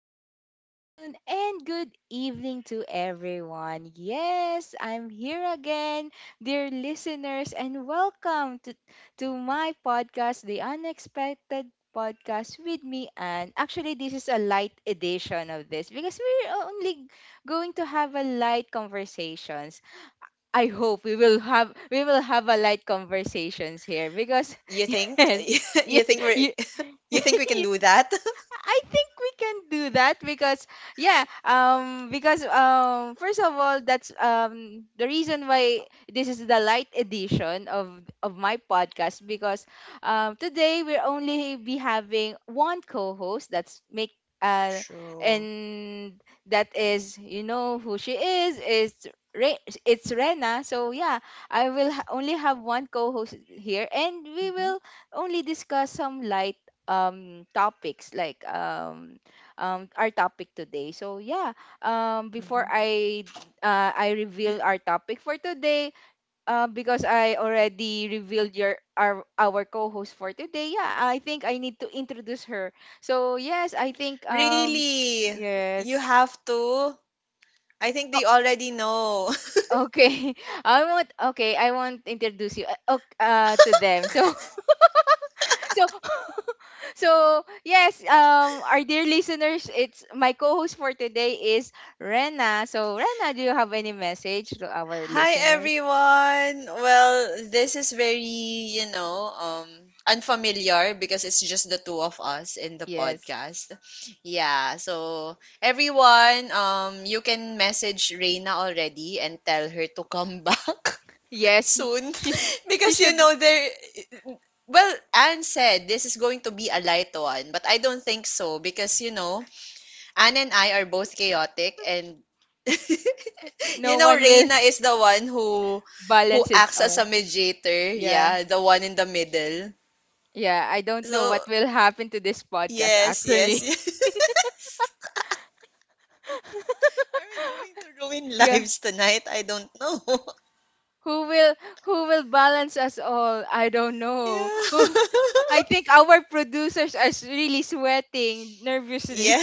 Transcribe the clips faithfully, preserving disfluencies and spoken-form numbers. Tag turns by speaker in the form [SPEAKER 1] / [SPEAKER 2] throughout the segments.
[SPEAKER 1] good afternoon, and good evening to everyone. Yes, I'm here again, dear listeners, and welcome to, to my podcast, The Unexpected Podcast with me. And actually, this is a light edition of this because we're only going to have a light conversations. I hope we will have we will have a light conversations here because yes, you, you, I think we can do that because yeah, um because um first of all that's um the reason why this is the light edition of of my podcast because um today we're only be having one co-host that's make uh and that is you know who she is is Re- it's Rena. So yeah, I will ha- only have one co-host here and we will only discuss some light um topics like um um our topic today. So yeah, um before I uh, I reveal our topic for today, uh, because I already revealed your our our co-host for today. Yeah, I think I need to introduce her. So yes, I think um yes. O- Okay, I want okay. I want introduce you uh, ok- uh, to them. So so so yes, um, our dear listeners, it's my co-host for today is Rena. So Rena, do you have any message to our listeners? Yes, yes she she should no one will balance his. Oh yeah, yeah I don't know what will happen to this podcast actually. Yeah, who will who will balance us all? I don't know who. I think our producers are s- really sweating nervously.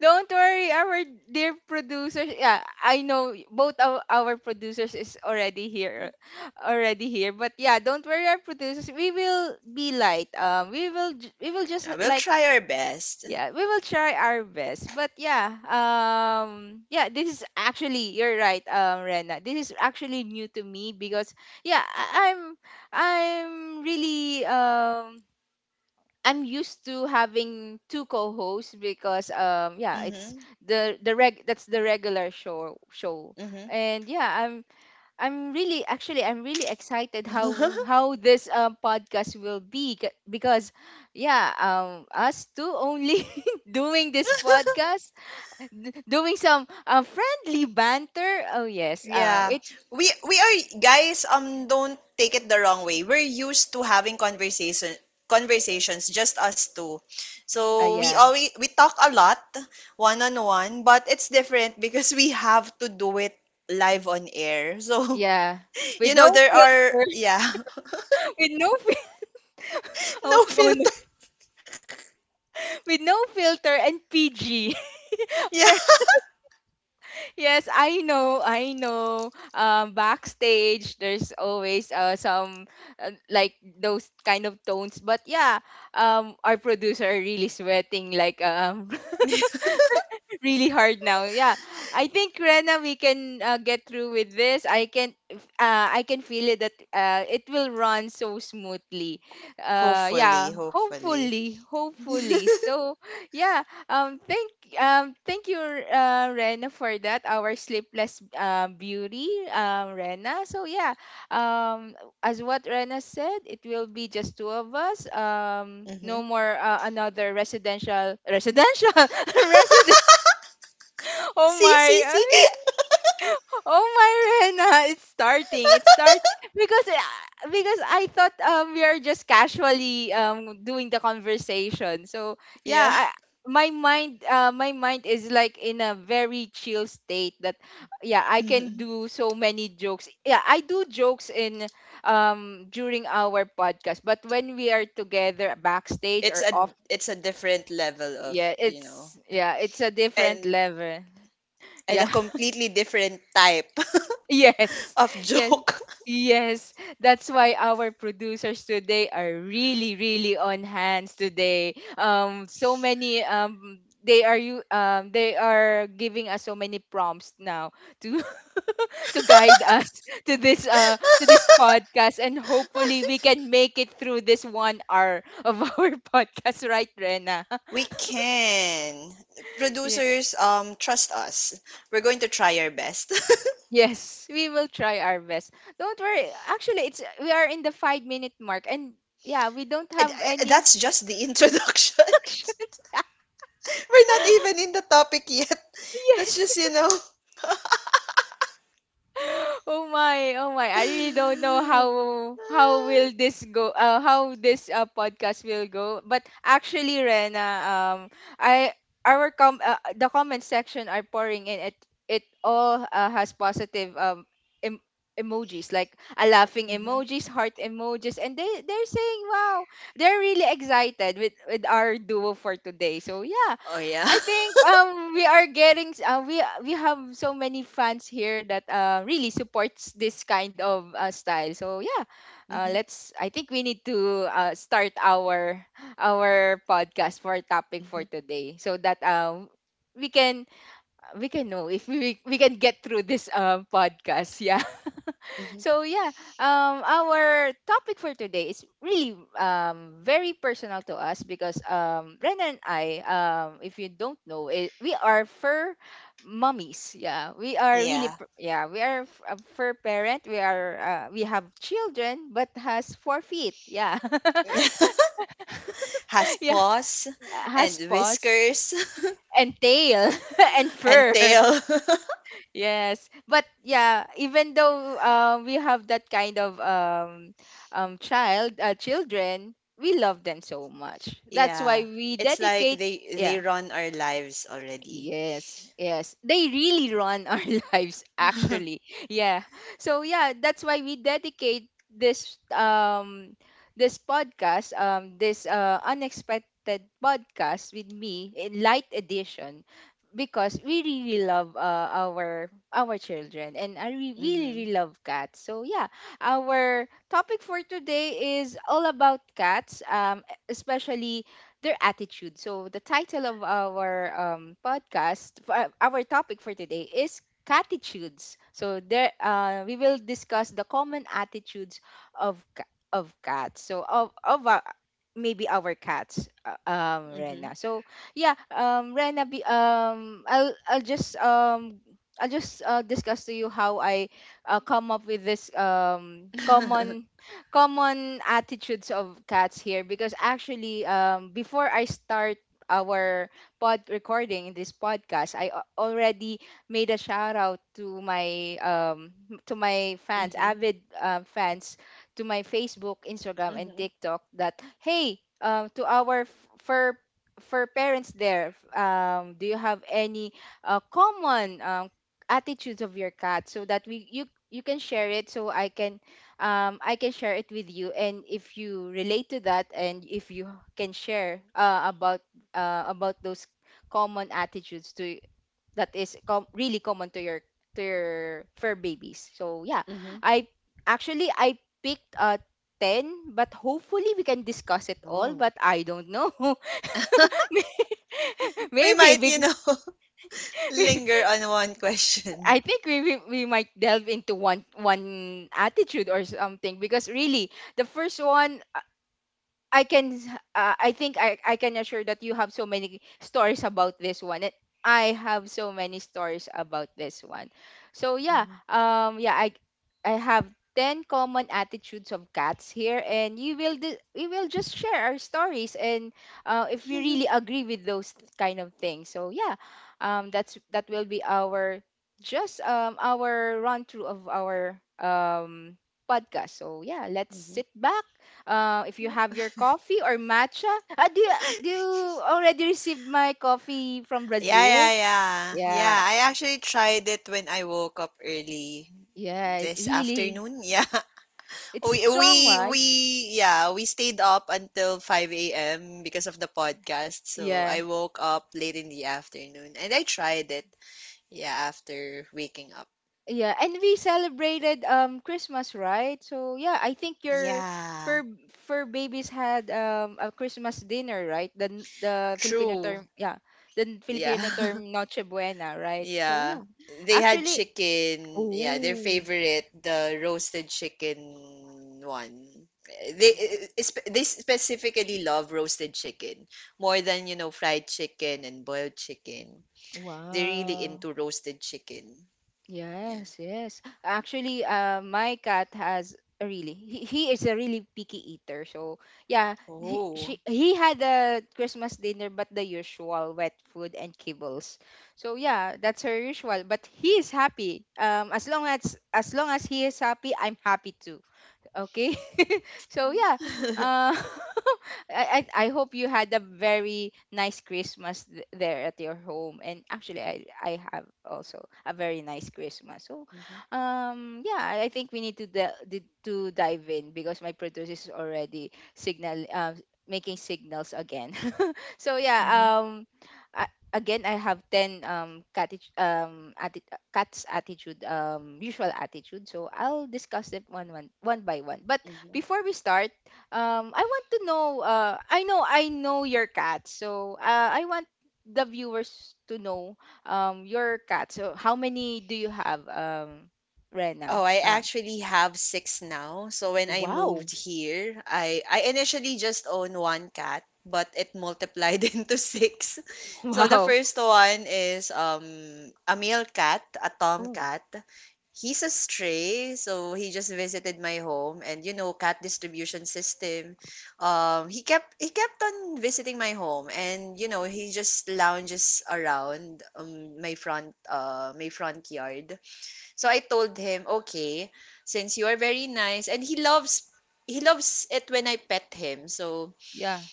[SPEAKER 1] Don't worry, our dear producers. Yeah, I know both of our producers is already here, already here. But yeah, don't worry, our producers. We will be light. Um, we will j- we will just like, yeah, we will try our best. But yeah, um, yeah, this is actually you're right, um, Rena. This is actually new to me because yeah, I- I'm I'm really um I'm used to having two co-hosts because um yeah it's the the reg that's the regular show show. And yeah, I'm I'm really actually I'm really excited how how this, um, podcast will be c- because yeah um us two only doing this podcast, d- doing some uh, friendly banter. Oh yes, um it uh, yeah yeah with no filter, with no fil- oh, oh no, with no filter and P G. Yes, I know, I know. Um, backstage, there's always uh, some uh, like those kind of tones. But yeah, um, our producer are really sweating, like um, really hard now. Yeah, I think Rena, we can uh, get through with this. I can, uh, I can feel it that uh, it will run so smoothly. Uh, yeah, hopefully, hopefully. So yeah, um, thank, um, thank you, uh, Rena, for that. Our sleepless, uh, beauty, um, Rena. So yeah, um, as what Rena said, it will be just two of us. Um, no more uh, another residential residential resident. Oh my, oh my, Rena, it's starting. It's start because uh, because I thought um we are just casually um doing the conversation. So yeah, I, my mind uh my mind is like in a very chill state that yeah, I can do so many jokes. Yeah, I do jokes in um during our podcast, but when we are together backstage or off, yeah, it's yeah it's a different level. Yeah. Yes, yes, yes. That's why our producers today are really, really on hands today. Um, so many, um, they are you um, they are giving us so many prompts now to to guide us to this uh to this podcast, and hopefully we can make it through this one hour of our podcast, right, Rena? Yeah. Yes, we will try our best. Don't worry. Actually, it's we are in the five minute mark, and yeah, we don't have any. Action. Yes, oh my, oh my. I really don't know how how will this go, uh, how this, uh, podcast will go. But actually Rena, um I our com uh, the comment section are pouring in, it it all, uh, has positive um em- emojis like a laughing emojis, heart emojis, and they they're saying wow, they're really excited with with our duo for today. So yeah, I think um we are getting uh, we we have so many fans here that uh, really supports this kind of, uh, style. So yeah, uh, let's. I think we need to uh, start our our podcast for topic for today so that um we can we can know if we we can get through this um podcast. Yeah, so yeah um our topic for today is really um very personal to us because um Rena and I, um, if you don't know it, we are fur mummies. Yeah, we are really pr- yeah, we are f- a fur parent. We are, uh, we have children but has four feet. Yeah, yeah has paws and tail, and fur. Yes, but yeah, even though um, we have that kind of, um, um, child, uh, children, we love them so much. That's why we dedicate. Yeah. Yes, yes. They really run our lives actually. Yeah. So yeah, that's why we dedicate this um this podcast, um this uh unexpected podcast with me in light edition because we really love, uh, our our children and I re- really, really love cats. So yeah, our topic for today is all about cats, um especially their attitude. So the title of our, um, podcast, for our topic for today is catitudes. So there, uh, we will discuss the common attitudes of ca- of cats. So of of our, maybe our cats, uh, um, Rena. So yeah, um, Rena, be, um, I'll I'll just um. I'll just, uh, discuss to you how I uh, come up with this, um, common common attitudes of cats here because actually um before I start our pod recording in this podcast I a- already made a shout out to my um to my fans avid, um, fans to my Facebook, Instagram, and TikTok that hey um to our f- fur for parents there, f- um, do you have any, uh, common, um, attitudes of your cat so that we you you can share it so I can, um, I can share it with you. And if you relate to that, and if you can share, uh, about uh, about those common attitudes to that is com- really common to your to your fur babies. So yeah, I actually I picked, uh, ten, but hopefully we can discuss it all. But I don't know. Maybe because I think we, we we might delve into one one attitude or something because really the first one I can, uh, I think I, I can assure that you have so many stories about this one and I have so many stories about this one. So yeah, um yeah, I I have ten common attitudes of cats here and you will di- we will just share our stories and uh, if we really agree with those kind of things. So yeah, um that's that will be our just um our run through of our um podcast. So yeah, let's sit back, uh, if you have your coffee or matcha. Uh, do, you, do you already received my coffee from Brazil? Yeah, yeah, really. It's strong, right? Yeah, yeah. And we celebrated um Christmas, right? So yeah, I think your fur fur babies had um a Christmas dinner, right? The n- the Filipino term, yeah, the Filipino term Noche Buena, right? So yeah, actually, oh, wow. Yes, yes. Actually, uh, my cat has a really he, he is a really picky eater. So yeah, he she he had a Christmas dinner, but the usual wet food and kibbles. So yeah, that's her usual. But he is happy. Um, as long as as long as he is happy, I'm happy too. Okay, so yeah, uh, I, I I hope you had a very nice christmas th- there at your home and actually i I have also a very nice christmas. So um yeah i I think we need to de- di- to dive in because my producer is already signal uh, making signals again. So yeah um, a- again I have ten um, cati- um atti- cat's attitude, um, usual attitude. So I'll discuss it one one one by one. But before we start, um, I want to know. Uh, I know I know your cat, so uh, I want the viewers to know um your cat. So how many do you have, um, Rena? Uh, wow, wow. Oh, yeah.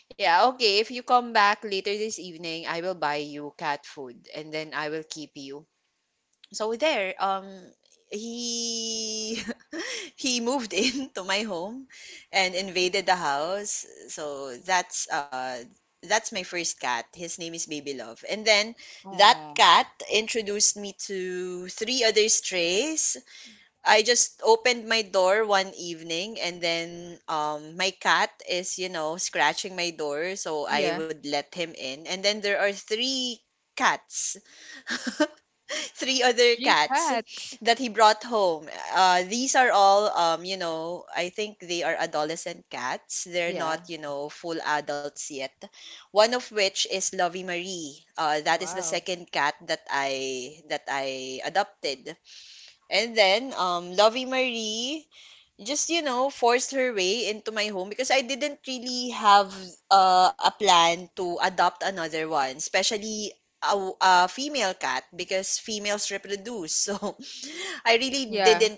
[SPEAKER 1] Oh, yeah. Three cats. Yeah. Wow. Yeah.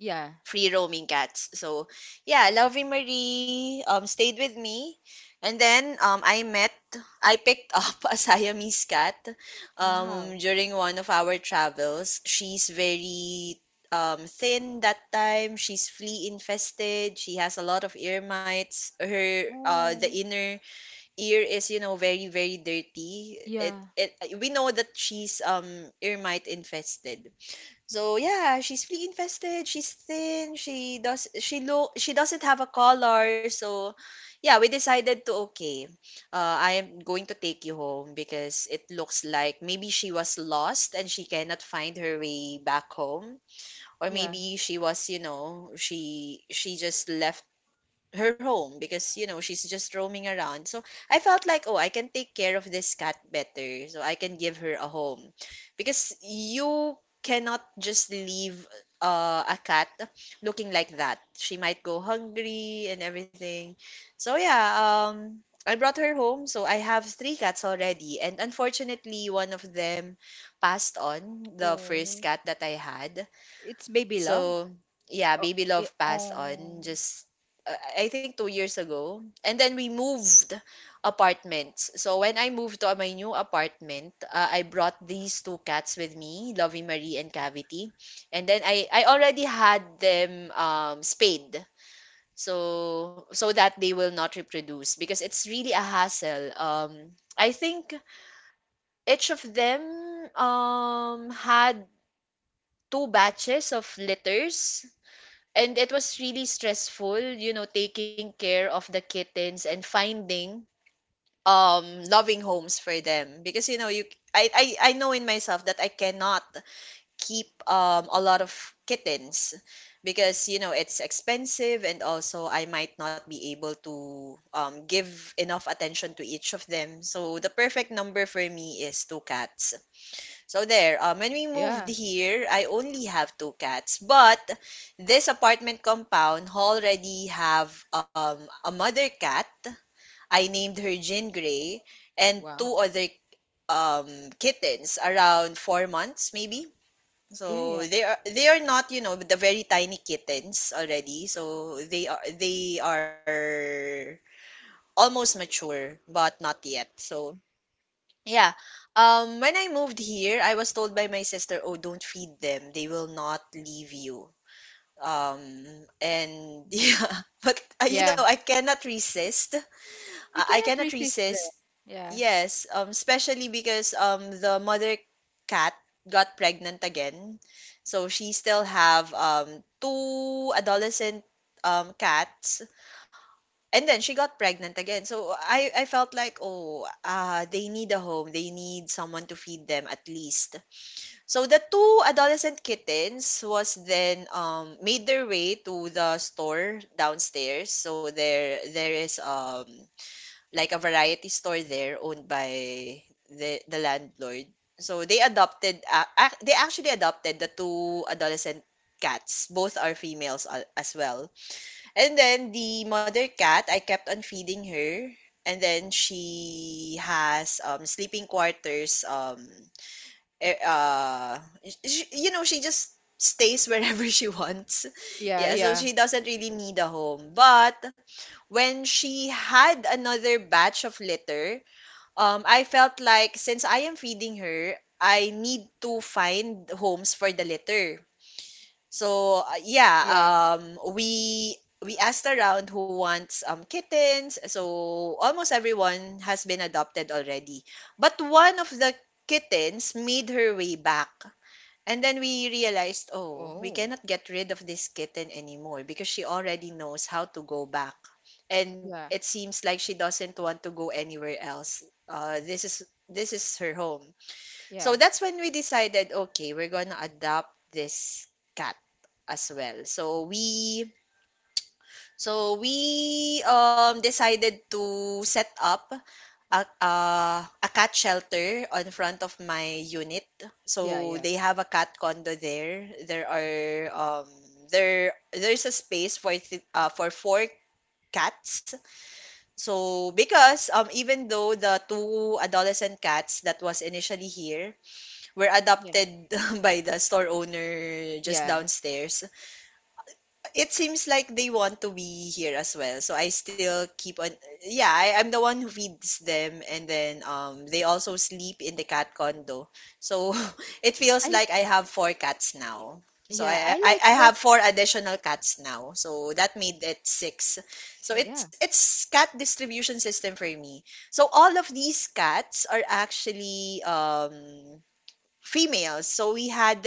[SPEAKER 1] Yeah. Wow. Oh. Yeah. Yeah. Oh, it's baby love. Oh, yeah, oh, yeah. Wow. Yeah, yeah. Yeah, we cannot resist that. Yeah, yeah, yeah, yeah. Oh. Yeah, yeah, yeah, yeah, yeah, yeah. I Yeah, I like that. Yeah.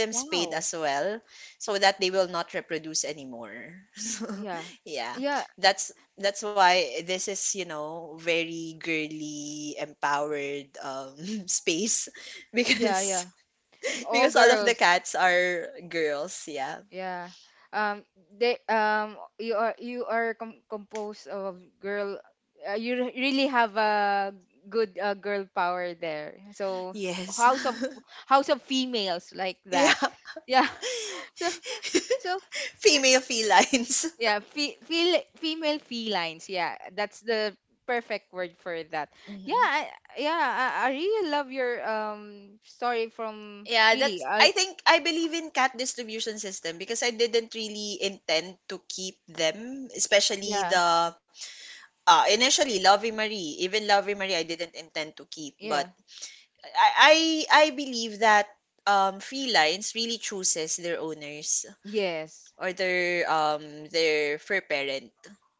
[SPEAKER 1] Wow. Yeah. Yeah. Yeah. Yeah. All girls. Yeah. Um they um you are you are com- composed of girl, uh, you re- really have a good, uh, girl power there. So, house of house of females like that. Yeah. So so yeah, fe- feel female felines. Yeah, that's the perfect word for that. Yeah, I, yeah, I, I really love your um story, from really I yeah, yeah. Yes.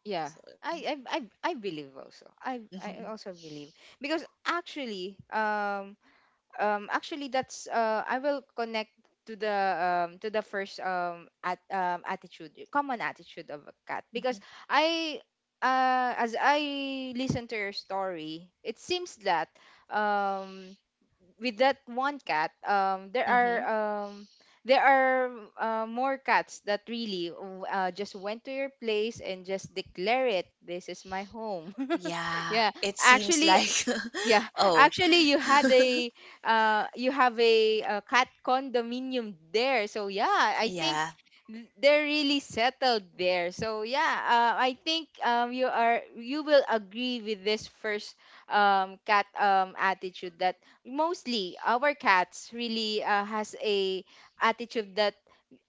[SPEAKER 1] Yeah. I I I, I believe also. I I also believe because actually, um um actually that's, uh I will connect to the, um to the first, um at um attitude, common attitude of a cat because, I uh as I listen to your story, it seems that, um with that one cat, um, there are um, there are, uh, more cats that really, w- uh, just went to your place and just declare it. This is my home. Yeah, actually, yeah, actually, you had a uh, you have a, uh cat condominium there. So yeah, I think th- they're really settled there. So yeah, uh, I think, um, you are you will agree with this first, um, cat, um, attitude that mostly our cats really, uh, has a attitude that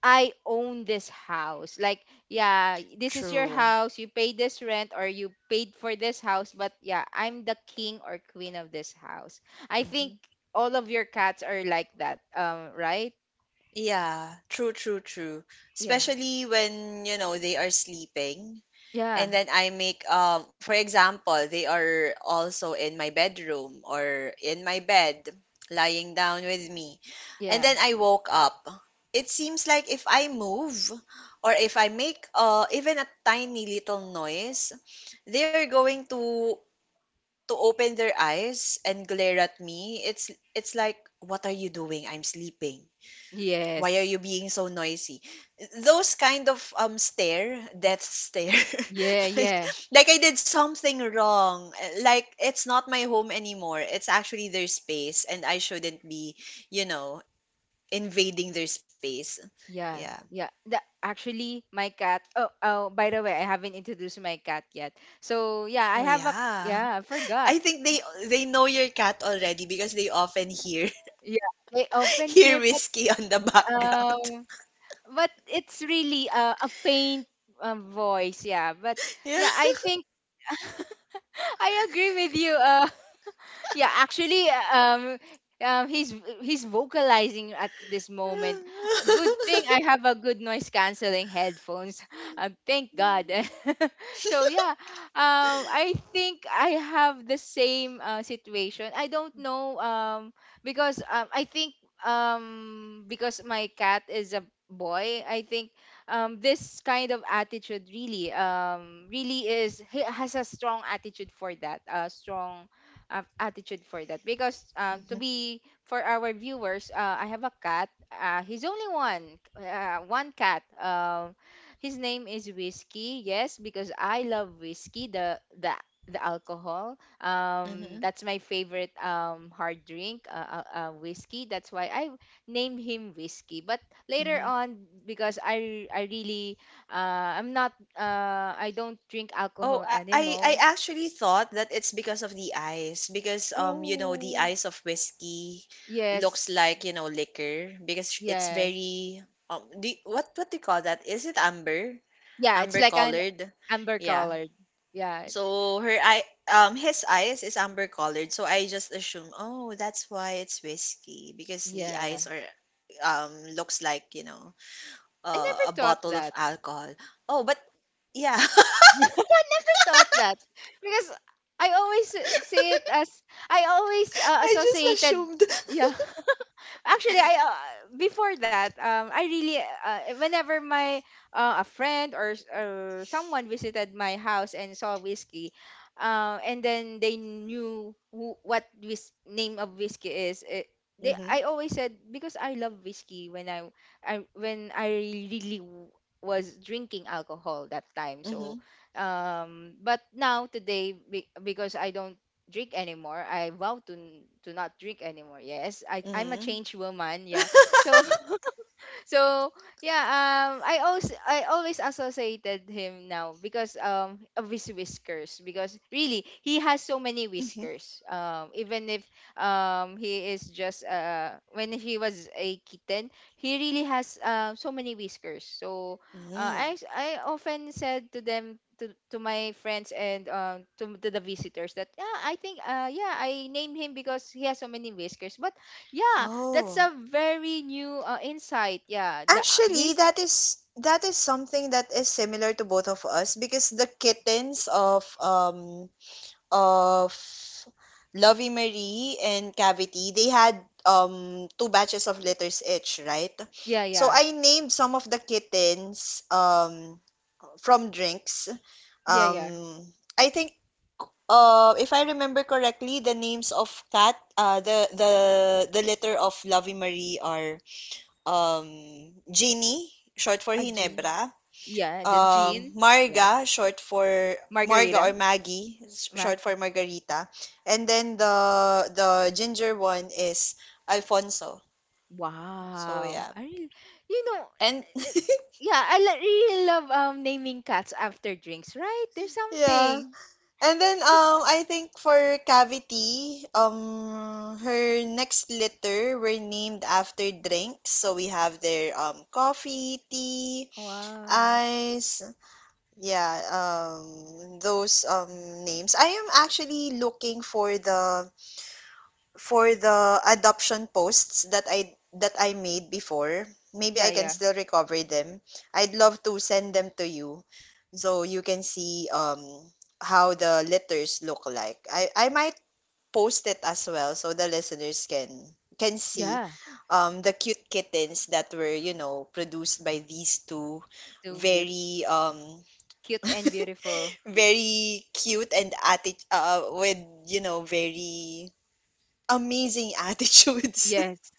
[SPEAKER 1] I own this house. Like, yeah, this is your house. You pay this rent or you paid for this house, but yeah, I'm the king or queen of this house. I think all of your cats are like that, um, right? Yeah. Yeah. Yeah. Yes. Yeah, yeah. Yeah. Yeah. The, actually my cat. Oh, oh, by the way, I haven't introduced my cat yet. So, yeah, I have a yeah, I forgot. Yeah. They often hear, but, um but it's really a, a faint, um, voice, yeah, but yeah, I think. I agree with you, uh yeah, actually, um um, he's he's vocalizing at this moment. Uh, Good thing I have a good noise canceling headphones. Um, thank God. So yeah, um, I think I have the same, uh, situation. I don't know, um, because, um, I think, um, because my cat is a boy. I think, um, this kind of attitude really, um, really is he has a strong attitude for that. A strong, um, attitude for that because, um, to be, for our viewers, uh, I have a cat, uh, he's only one uh, one cat, um, his name is Whiskey. Yes, because I love whiskey, the the the alcohol, um that's my favorite, um hard drink, uh, uh, uh, whiskey, that's why I named him Whiskey. But later on because i i really, uh i'm not uh I don't drink alcohol anymore. Oh, yes. Yes. Yeah, it's like an amber colored. Yeah. Yeah. I never thought that. I never thought that because I always, uh, see it as I always, uh, associated. Yeah. Actually, I uh, before that, um, I really, uh, whenever my uh, a friend or, s- or someone visited my house and saw Whiskey, uh, and then they knew, who, what whis- name of Whiskey is. It, they I always said, because I love whiskey when, I I when I really w- was drinking alcohol that time. So, um, but now today, be, because I don't drink anymore. I vow to n- to not drink anymore. Yes, I I'm a changed woman. Yeah. So so yeah, um i also i always associated him now because, um of his whiskers because really he has so many whiskers, um even if, um he is just, uh when he was a kitten he really has, uh, so many whiskers. So, uh, i s- i often said to them, to, to my friends and, um, to, to the visitors, that yeah, I think, uh yeah, I named him because he has so many whiskers. But yeah, that's a very new, uh, insight. Yeah, the uh, his yeah, yeah, yeah, yeah. A gin. Yeah, the gin. Yeah. Margarita. Maggie. Wow, I really, you know it, yeah, I lo- really love, um naming cats after drinks. Right, there's something. Wow. Yeah, yeah, yeah. So beautiful, cute and beautiful. Yes.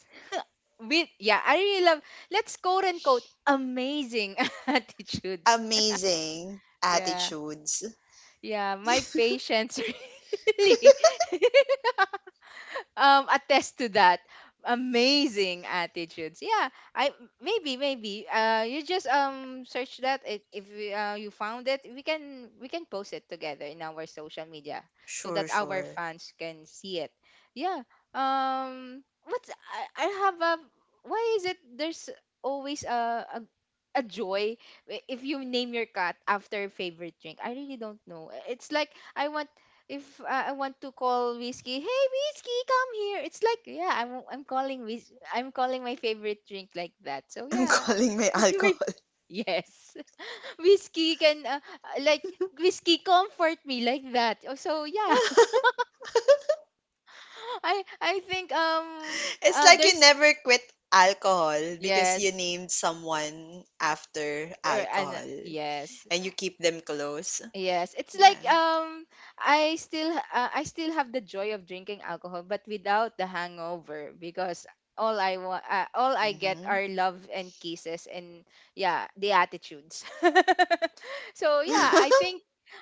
[SPEAKER 1] With yeah, I really love. Let's quote unquote amazing attitudes. Yeah. Yeah, my patience, really, um attest to that amazing attitudes. Yeah. I maybe maybe uh you just, um search that, if, if we, uh, you found it, we can we can post it together in our social media so that our fans can see it. Yeah, um what's, I, I have a why is it there's always a, a a joy, i- if you name your cat after your favorite drink. I really don't know, it's like I want, if I I want to call Whiskey, "Hey, Whiskey, come here." It's like, yeah, I'm I'm calling whis- I'm calling my favorite drink like that. So yeah, Wait, yes, whiskey can, uh, uh, like, whiskey comfort me like that. Oh. So yeah, I I think, um uh, there's, yes, or and, uh, yes. Yes, it's like, um I still uh, I still have the joy of drinking alcohol but without the hangover, because all I want, uh, all I get are love and kisses, and yeah, the attitudes. So yeah, I think,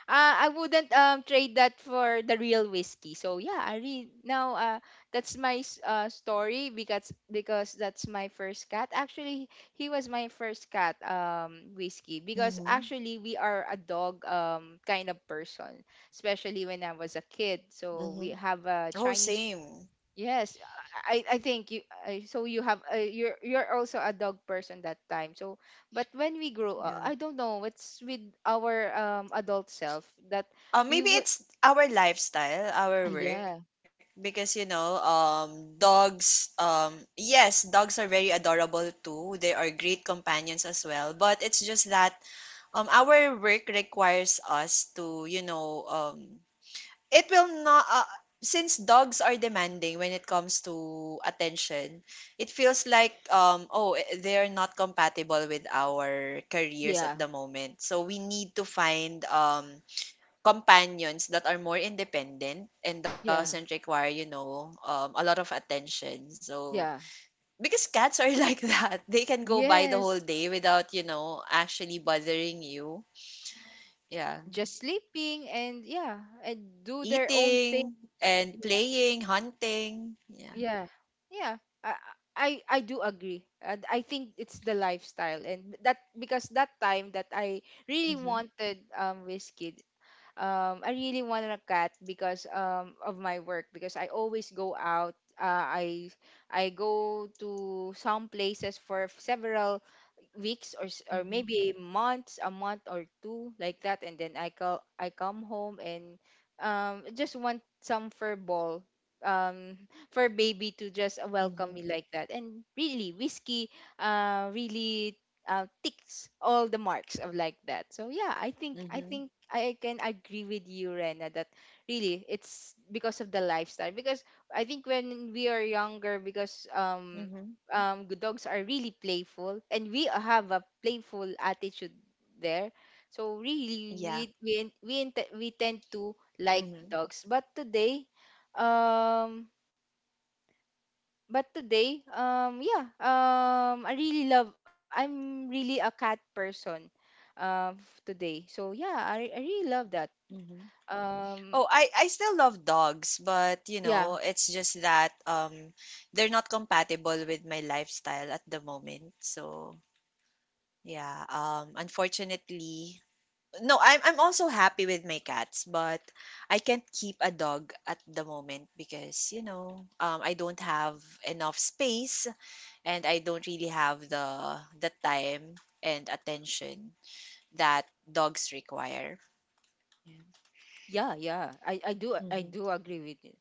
[SPEAKER 1] uh, I wouldn't, um trade that for the real whiskey. So yeah, I read now, uh that's my s- uh story, because, because that's my first cat. Actually, he was my first cat, um whiskey, because actually we are a dog, um kind of person, especially when I was a kid. So we have a Chinese. Yes, I I think you, I, so you have, uh, you're you're also a dog person that time. So but when we grow up, I don't know what's with our, um adult self, that we would, ah yeah, yeah, yeah, yeah, yes, just sleeping, and yeah, and do their own thing. Yeah. Yeah. Yeah. I I, I do agree. Uh, I think it's the lifestyle and that, because that time that I really wanted, um Wizkid. Um I really wanted a cat because, um of my work, because I always go out. Uh, I I go to some places for several weeks or, s- or maybe months, a month or two like that, and then, I call I come home and, um just want some fur ball, um for baby to just welcome me like that. And really, whiskey, uh really, uh, ticks all the marks of like that. So yeah, I think I think I can agree with you, Rena, that really it's because of the lifestyle. Because I think when we are younger, because, um um, g- dogs are really playful, and we have a playful attitude there. So really, we we we, int- we tend to like dogs. But today, um, but today, um, yeah, um, I really love. I'm really a cat person, um, f- today. So yeah, I I really love that. Um, yeah, yeah, yeah. I I do I do agree with you.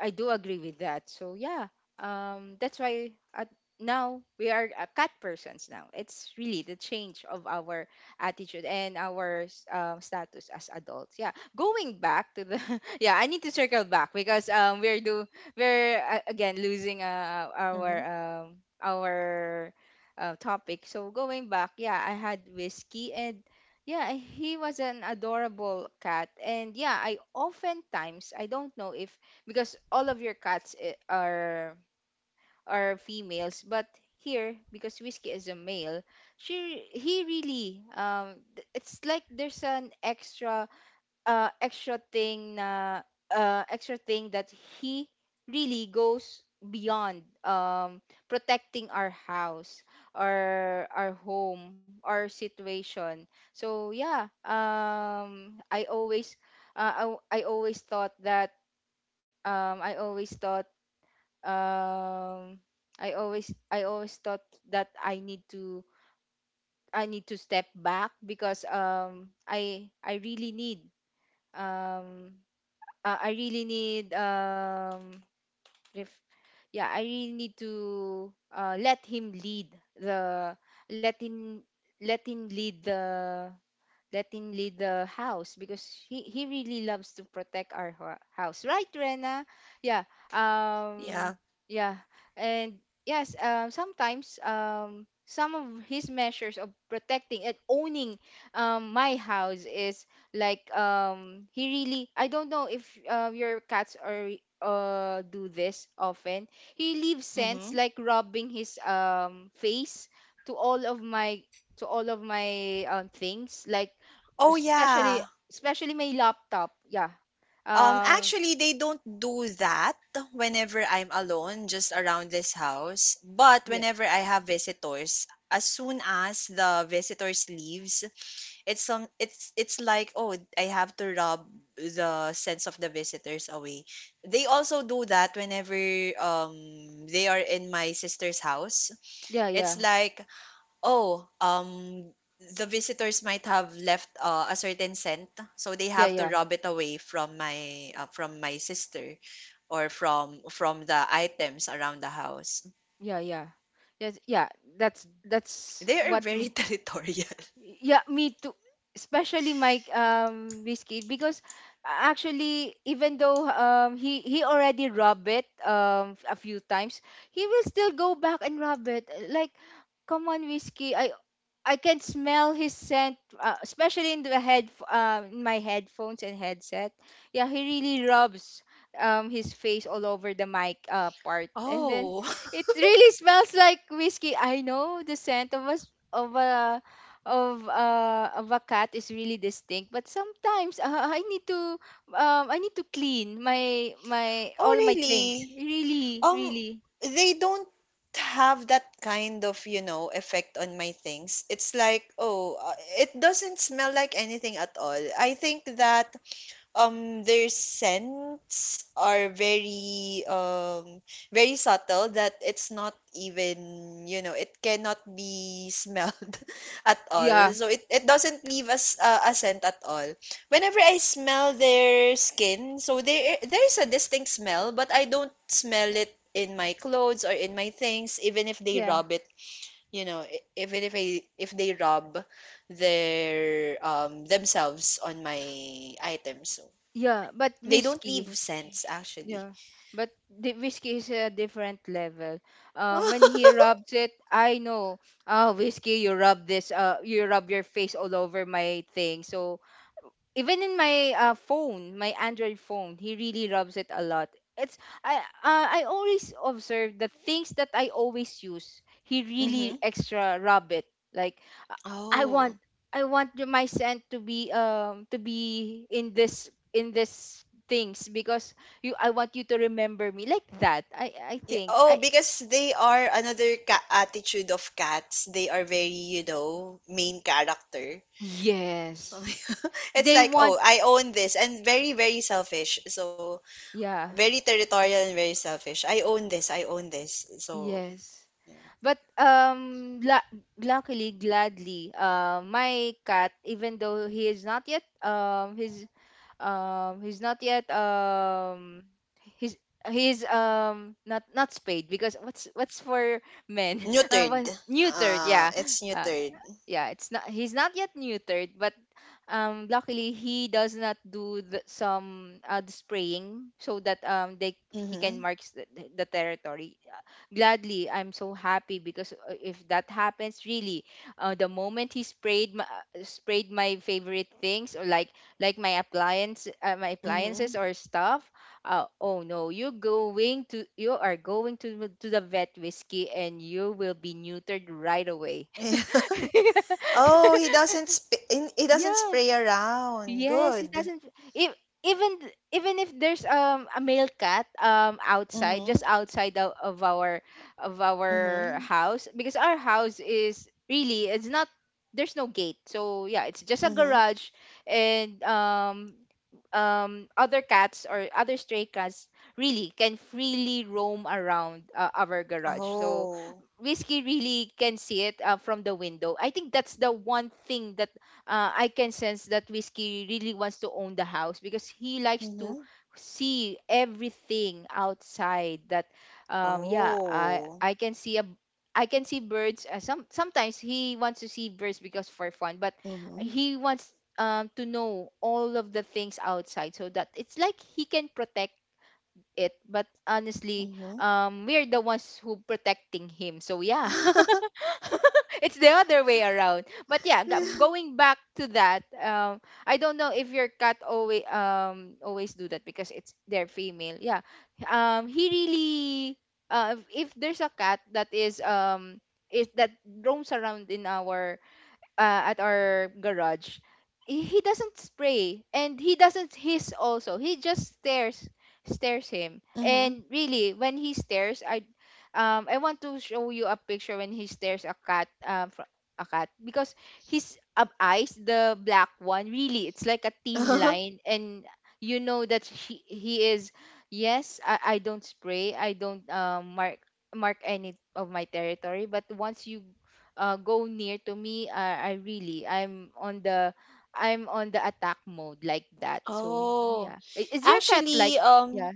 [SPEAKER 1] I do agree with that. So yeah, um, that's why at now we are, uh, cat persons now. It's really the change of our attitude and our s- um, status as adults. Yeah, going back to the, yeah, I need to circle back because, um we're do we're, uh, again losing, uh, our, um our uh, topic. So going back, yeah, I had whiskey and yeah, he was an adorable cat, and yeah, I oftentimes I don't know if, because all of your cats, i- are are females, but here, because whiskey is a male, she he really, um th- it's like there's an extra uh extra thing na uh extra thing that he really goes beyond, um protecting our house, or our home, our situation. So yeah, um I always, uh, I, I always thought that, um, I always thought um I always I always thought that, I need to I need to step back because, um I I really need, um uh, I really need, um ref, yeah, I really need to, uh, let him lead the let him let him lead the let him lead the house, because he, he really loves to protect our, ho- house, right, Rena? Yeah, um
[SPEAKER 2] Yeah.
[SPEAKER 1] yeah, and yes, um sometimes, um some of his measures of protecting and owning, um, my house, is like, um he really, I don't know if, uh, your cats are, uh do this often. He leaves scents
[SPEAKER 2] Mm-hmm.
[SPEAKER 1] like rubbing his, um face, to all of my, to all of my um, things like,
[SPEAKER 2] Oh
[SPEAKER 1] especially
[SPEAKER 2] yeah.
[SPEAKER 1] especially my laptop. Yeah,
[SPEAKER 2] Um
[SPEAKER 1] uh
[SPEAKER 2] actually they don't do that whenever I'm alone just around this house. But
[SPEAKER 1] yeah,
[SPEAKER 2] whenever I have visitors, as soon as the visitors leaves, it's some it's it's like, oh, I have to rub the sense of the visitors away. They also do that whenever um they are in my sister's house.
[SPEAKER 1] yeah,
[SPEAKER 2] It's
[SPEAKER 1] yeah,
[SPEAKER 2] like, oh, um, the visitors might have left uh, a certain scent, so they
[SPEAKER 1] yeah,
[SPEAKER 2] have to
[SPEAKER 1] yeah,
[SPEAKER 2] rub it away from my uh, from my sister or from from the items around the house.
[SPEAKER 1] yeah, yeah, yes, yeah, that's that's
[SPEAKER 2] They are
[SPEAKER 1] what.
[SPEAKER 2] very territorial.
[SPEAKER 1] Yeah, me too. Especially my, um whiskey, because, uh, actually, even though, um he he already rubbed it, um a few times, he will still go back and rub it. Like, come on, Whiskey. I I can smell his scent, uh, especially in the head um in my headphones and headset. Yeah, he really rubs um his face all over the mic uh part, and then
[SPEAKER 2] Oh,
[SPEAKER 1] it really smells like Whiskey. I know the scent of us, of a of uh, of a cat is really distinct, but sometimes, uh, i need to um I need to clean my my
[SPEAKER 2] oh
[SPEAKER 1] all my things,
[SPEAKER 2] really?
[SPEAKER 1] really,
[SPEAKER 2] Um,
[SPEAKER 1] really.
[SPEAKER 2] they don't have that kind of, you know, effect on my things. It's like, oh, uh, it doesn't smell like anything at all. I think that um their scents are very um very subtle that it's not even, you know, it cannot be smelled at all,
[SPEAKER 1] Yeah,
[SPEAKER 2] so it, it doesn't leave us uh, a scent at all whenever I smell their skin. So there there is a distinct smell, but I don't smell it in my clothes or in my things even if they
[SPEAKER 1] yeah,
[SPEAKER 2] rub it, you know, e- even if I, if they rub their um themselves on my items. So,
[SPEAKER 1] yeah, but
[SPEAKER 2] they don't
[SPEAKER 1] Whiskey.
[SPEAKER 2] leave scents actually.
[SPEAKER 1] Yeah, but the Whiskey is a different level, um when he rubs it, I know. Ah, Whiskey, you rub this, uh you rub your face all over my thing. So even in my, uh, phone, my Android phone, he really rubs it a lot. It's I uh, I always observe the things that I always use. He
[SPEAKER 2] Mm-hmm.
[SPEAKER 1] really extra rub it. Like, I want
[SPEAKER 2] Oh.
[SPEAKER 1] I want the- my scent to be, um to be in this in this things, because, you I want you to remember me like that. I I
[SPEAKER 2] Yeah.
[SPEAKER 1] think
[SPEAKER 2] Oh,
[SPEAKER 1] I
[SPEAKER 2] because they are another ca- attitude of cats. They are very, you know, main character. So
[SPEAKER 1] Yes,
[SPEAKER 2] it's
[SPEAKER 1] they
[SPEAKER 2] like,
[SPEAKER 1] want.
[SPEAKER 2] oh, I own this, and very, very selfish. So
[SPEAKER 1] Yeah.
[SPEAKER 2] very territorial and very selfish. I own this. I own this. So
[SPEAKER 1] Yes.
[SPEAKER 2] yeah,
[SPEAKER 1] But, um, la- luckily, gladly, uh, my cat, even though he is not yet um, he's um, he's not yet um, he's he's um not not spayed, because what's what's for men, um
[SPEAKER 2] neutered.
[SPEAKER 1] but neutered.
[SPEAKER 2] Uh,
[SPEAKER 1] Yeah.
[SPEAKER 2] it's
[SPEAKER 1] uh,
[SPEAKER 2] neutered.
[SPEAKER 1] yeah, it's not he's not yet neutered, but, um luckily, he does not do the, some uh, the spraying, so that, um they he can
[SPEAKER 2] Mm-hmm.
[SPEAKER 1] mark the, the territory. Uh, gladly, I'm so happy, because, uh, if that happens, really, uh, the moment he sprayed my, uh, sprayed my favorite things, or like like my appliance uh, my
[SPEAKER 2] Mm-hmm.
[SPEAKER 1] appliances, or stuff. uh, oh no, you're going to you are going to to the vet, Whiskey, and you will be neutered right away.
[SPEAKER 2] Yeah. Oh, he doesn't sp- he doesn't
[SPEAKER 1] Yeah.
[SPEAKER 2] spray around.
[SPEAKER 1] Yes, it
[SPEAKER 2] Good.
[SPEAKER 1] doesn't. If, even th- even if there's, um a male cat, um outside, just
[SPEAKER 2] Mhm.
[SPEAKER 1] outside of, of our of our
[SPEAKER 2] Mhm.
[SPEAKER 1] house, because our house is really, it's not there's no gate, so yeah, it's just a
[SPEAKER 2] Mhm.
[SPEAKER 1] garage, and, um um other cats or other stray cats really can freely roam around, uh, our garage. So
[SPEAKER 2] Oh.
[SPEAKER 1] Whiskey really can see it, uh, from the window. I think that's the one thing that, uh, I can sense that Whiskey really wants to own the house, because he likes to
[SPEAKER 2] Mhm.
[SPEAKER 1] see everything outside. That, um, yeah, I
[SPEAKER 2] Oh.
[SPEAKER 1] I can see a, I can see birds. Uh, some sometimes he wants to see birds, because for fun, but
[SPEAKER 2] Mhm.
[SPEAKER 1] he wants, um, to know all of the things outside, so that it's like he can protect it. But honestly,
[SPEAKER 2] Mhm.
[SPEAKER 1] um we're the ones who protecting him, so yeah.
[SPEAKER 2] Mhm.
[SPEAKER 1] It's the other way around. But yeah, g- going back to that, um I don't know if your cat always um always do that, because it's their female. Yeah. um he really, uh if if there's a cat that, is um is that roams around in our, uh, at our garage, he he doesn't spray, and he doesn't hiss also. He just stares, stares him. And really, when he stares, I, um, I want to show you a picture when he stares a cat, um, fr- a cat, because his ab- eyes, the black one, really, it's like a thin line, and you know that he, he is. Yes, I, I don't spray. I don't, um mark mark any of my territory. But once you, uh, go near to me, I, I really, I'm on the I'm on the attack mode, like that. So
[SPEAKER 2] Oh.
[SPEAKER 1] yeah, I- is your cat like,
[SPEAKER 2] Actually, um,
[SPEAKER 1] yeah?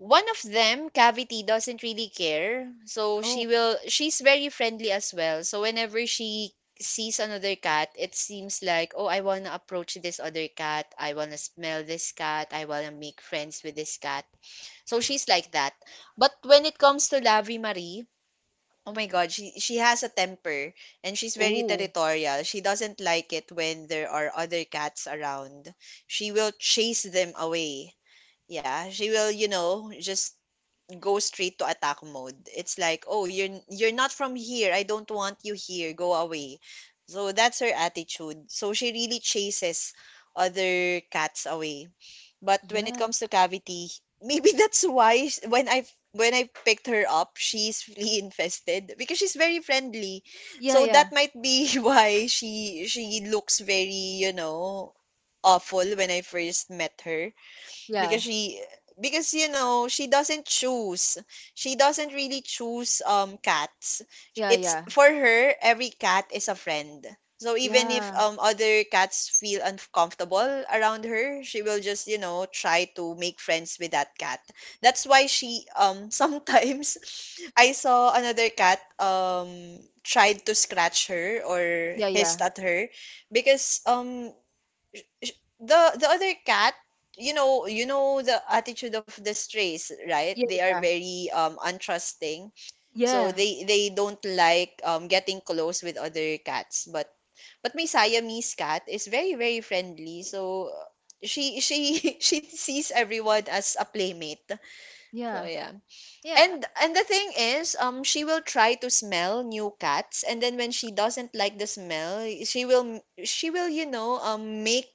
[SPEAKER 2] one of them, Cavity, doesn't really care. So
[SPEAKER 1] Oh,
[SPEAKER 2] she will, she's very friendly as well. So whenever she sees another cat, it seems like, oh, I wanna approach this other cat. I wanna smell this cat. I wanna make friends with this cat. So she's like that. But when it comes to Lavi Marie, oh my God, she she has a temper and she's very
[SPEAKER 1] oh,
[SPEAKER 2] territorial. She doesn't like it when there are other cats around. She will chase them away. Yeah, she will, you know, just go straight to attack mode. It's like, "Oh, you're you're not from here. I don't want you here. Go away." So that's her attitude. So she really chases other cats away. But when it
[SPEAKER 1] yeah,
[SPEAKER 2] comes to Cavity, maybe that's why sh- when I when I picked her up, she's flea infested because she's very friendly.
[SPEAKER 1] yeah,
[SPEAKER 2] So
[SPEAKER 1] yeah,
[SPEAKER 2] that might be why she she looks very, you know, awful when I first met her
[SPEAKER 1] yeah,
[SPEAKER 2] because she, because you know she doesn't choose, she doesn't really choose um cats.
[SPEAKER 1] yeah,
[SPEAKER 2] It's
[SPEAKER 1] yeah,
[SPEAKER 2] for her every cat is a friend, so even if
[SPEAKER 1] yeah,
[SPEAKER 2] um other cats feel uncomfortable around her, she will just, you know, try to make friends with that cat. That's why she um sometimes I saw another cat um tried to scratch her or hissed
[SPEAKER 1] yeah,
[SPEAKER 2] at her because um the the other cat, you know, you know the attitude of the strays, right?
[SPEAKER 1] yeah,
[SPEAKER 2] They are very um untrusting, so
[SPEAKER 1] yeah,
[SPEAKER 2] they they don't like um getting close with other cats, but but my Siamese cat is very, very friendly, so uh, she she she sees everyone as a playmate. So
[SPEAKER 1] yeah,
[SPEAKER 2] yeah.
[SPEAKER 1] yeah, yeah,
[SPEAKER 2] and and the thing is, um she will try to smell new cats, and then when she doesn't like the smell, she will, she will, you know, um make,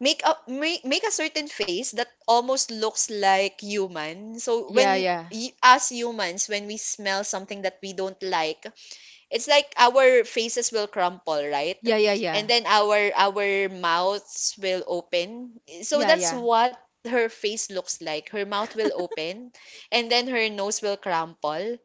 [SPEAKER 2] make a make, make a certain face that almost looks like human. So
[SPEAKER 1] yeah, yeah, yeah,
[SPEAKER 2] when
[SPEAKER 1] yeah,
[SPEAKER 2] y- as humans, when we smell something that we don't like, it's like our faces will crumple, right?
[SPEAKER 1] yeah,
[SPEAKER 2] And
[SPEAKER 1] yeah,
[SPEAKER 2] then our our mouths will open. So
[SPEAKER 1] yeah,
[SPEAKER 2] that's
[SPEAKER 1] yeah,
[SPEAKER 2] what her face looks like. Her mouth will open and then her nose will crumple.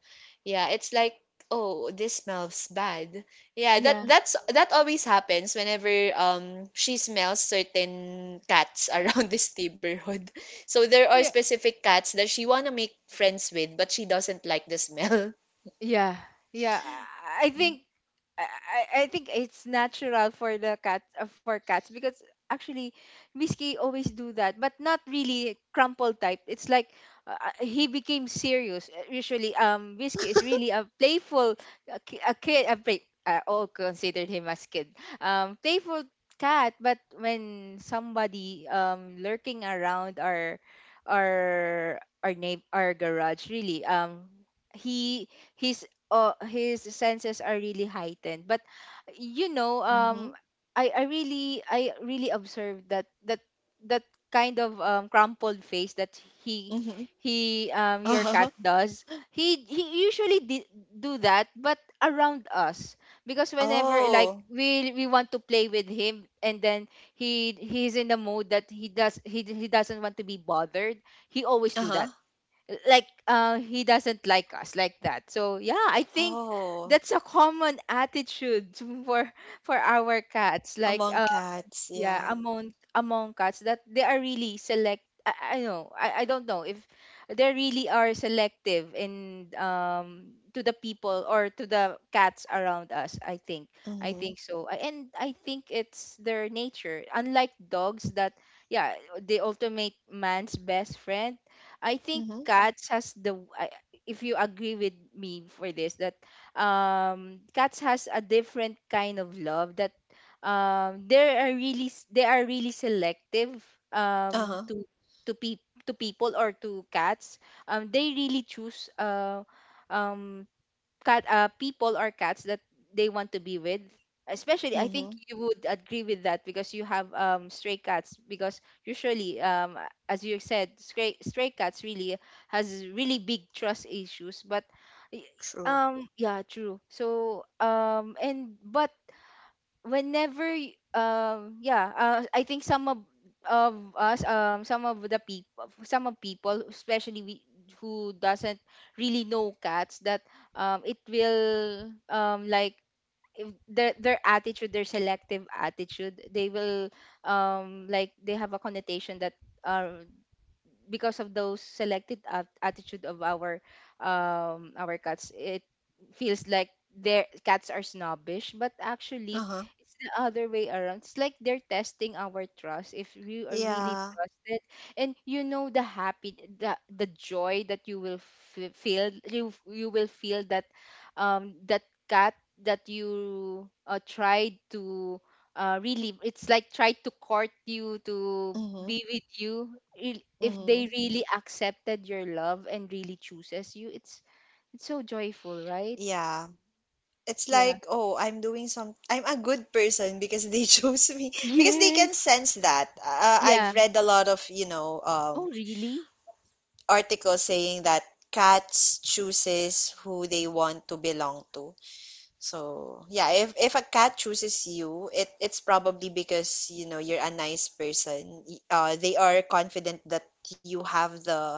[SPEAKER 2] Yeah, it's like, oh, this smells bad. Yeah, that
[SPEAKER 1] yeah.
[SPEAKER 2] that's that always happens whenever um she smells certain cats around this neighborhood. So there are
[SPEAKER 1] Yeah.
[SPEAKER 2] specific cats that she wanna make friends with, but she doesn't like the smell.
[SPEAKER 1] Yeah, yeah. I I think I I I think it's natural for the cat, uh, for cats, because actually, Whiskey always do that, but not really crumple type. It's like, uh, uh, he became serious. Uh, Usually, um, Whiskey is really a playful, a, ki- a kid. A play, I all considered him as kid. Um, playful cat, but when somebody, um lurking around our our our name our garage, really, um he his uh, his senses are really heightened, but, you know,
[SPEAKER 2] Mm-hmm.
[SPEAKER 1] um i i really I really observed that, that that kind of, um, crumpled face that, he he um your cat
[SPEAKER 2] Uh-huh.
[SPEAKER 1] does, he he usually, di- do that, but around us, because whenever, like,
[SPEAKER 2] Oh.
[SPEAKER 1] we we want to play with him, and then, he he's in the mode that, he does he, he doesn't want to be bothered. He always do
[SPEAKER 2] Uh-huh.
[SPEAKER 1] that, like, uh he doesn't like us like that, so yeah, I think
[SPEAKER 2] Oh.
[SPEAKER 1] that's a common attitude. For, for our cats, like,
[SPEAKER 2] Among cats,
[SPEAKER 1] yeah.
[SPEAKER 2] yeah.
[SPEAKER 1] Among, among cats, that they are really select I, I know I, I don't know if they really are selective, in um to the people or to the cats around us, I think I
[SPEAKER 2] Mm-hmm.
[SPEAKER 1] think so. I- and I think it's their nature, unlike dogs that, yeah, they ultimate man's best friend. I think
[SPEAKER 2] Mm-hmm.
[SPEAKER 1] cats has the, I, if you agree with me for this, that, um cats has a different kind of love, that, um they are really s- they are really selective, um
[SPEAKER 2] Uh-huh.
[SPEAKER 1] to, to pe- to people, or to cats. um they really choose, uh um cat uh people or cats that they want to be with, especially, I think
[SPEAKER 2] Mm-hmm.
[SPEAKER 1] you would agree with that, because you have, um stray cats. Because usually, um a- as you said, stray stray cats really has really big trust issues, but, y-
[SPEAKER 2] True.
[SPEAKER 1] um yeah, true, so, um and but whenever, y- um yeah, uh, I think some of of us, um some of the people, some of people, especially we, who doesn't really know cats, that, um it will, um like, if their, their attitude, their selective attitude, they will, um like, they have a connotation that, uh, because of those selected, at- attitude of our, um our cats, it feels like their cats are snobbish, but actually
[SPEAKER 2] Uh-huh.
[SPEAKER 1] it's the other way around. It's like they're testing our trust, if you are really
[SPEAKER 2] Yeah.
[SPEAKER 1] trusted, and you know the, happy the, the joy that you will, f- feel, you you will feel that, um that cat, that you, uh, tried to, uh, really, it's like, try to court you to
[SPEAKER 2] Mm-hmm.
[SPEAKER 1] be with you. Il- if
[SPEAKER 2] Mm-hmm.
[SPEAKER 1] they really accepted your love and really chooses you, it's it's so joyful, right?
[SPEAKER 2] Yeah. It's
[SPEAKER 1] Yeah.
[SPEAKER 2] like, oh, I'm doing some, I'm a good person because they chose me because they
[SPEAKER 1] Yes.
[SPEAKER 2] can sense that. Uh, I've
[SPEAKER 1] Yeah.
[SPEAKER 2] read a lot of, you know,
[SPEAKER 1] Oh,
[SPEAKER 2] um
[SPEAKER 1] really?
[SPEAKER 2] articles saying that cats chooses who they want to belong to. So, yeah, if if a cat chooses you, it it's probably because, you know, you're a nice person. Y- Uh, they are confident that you have the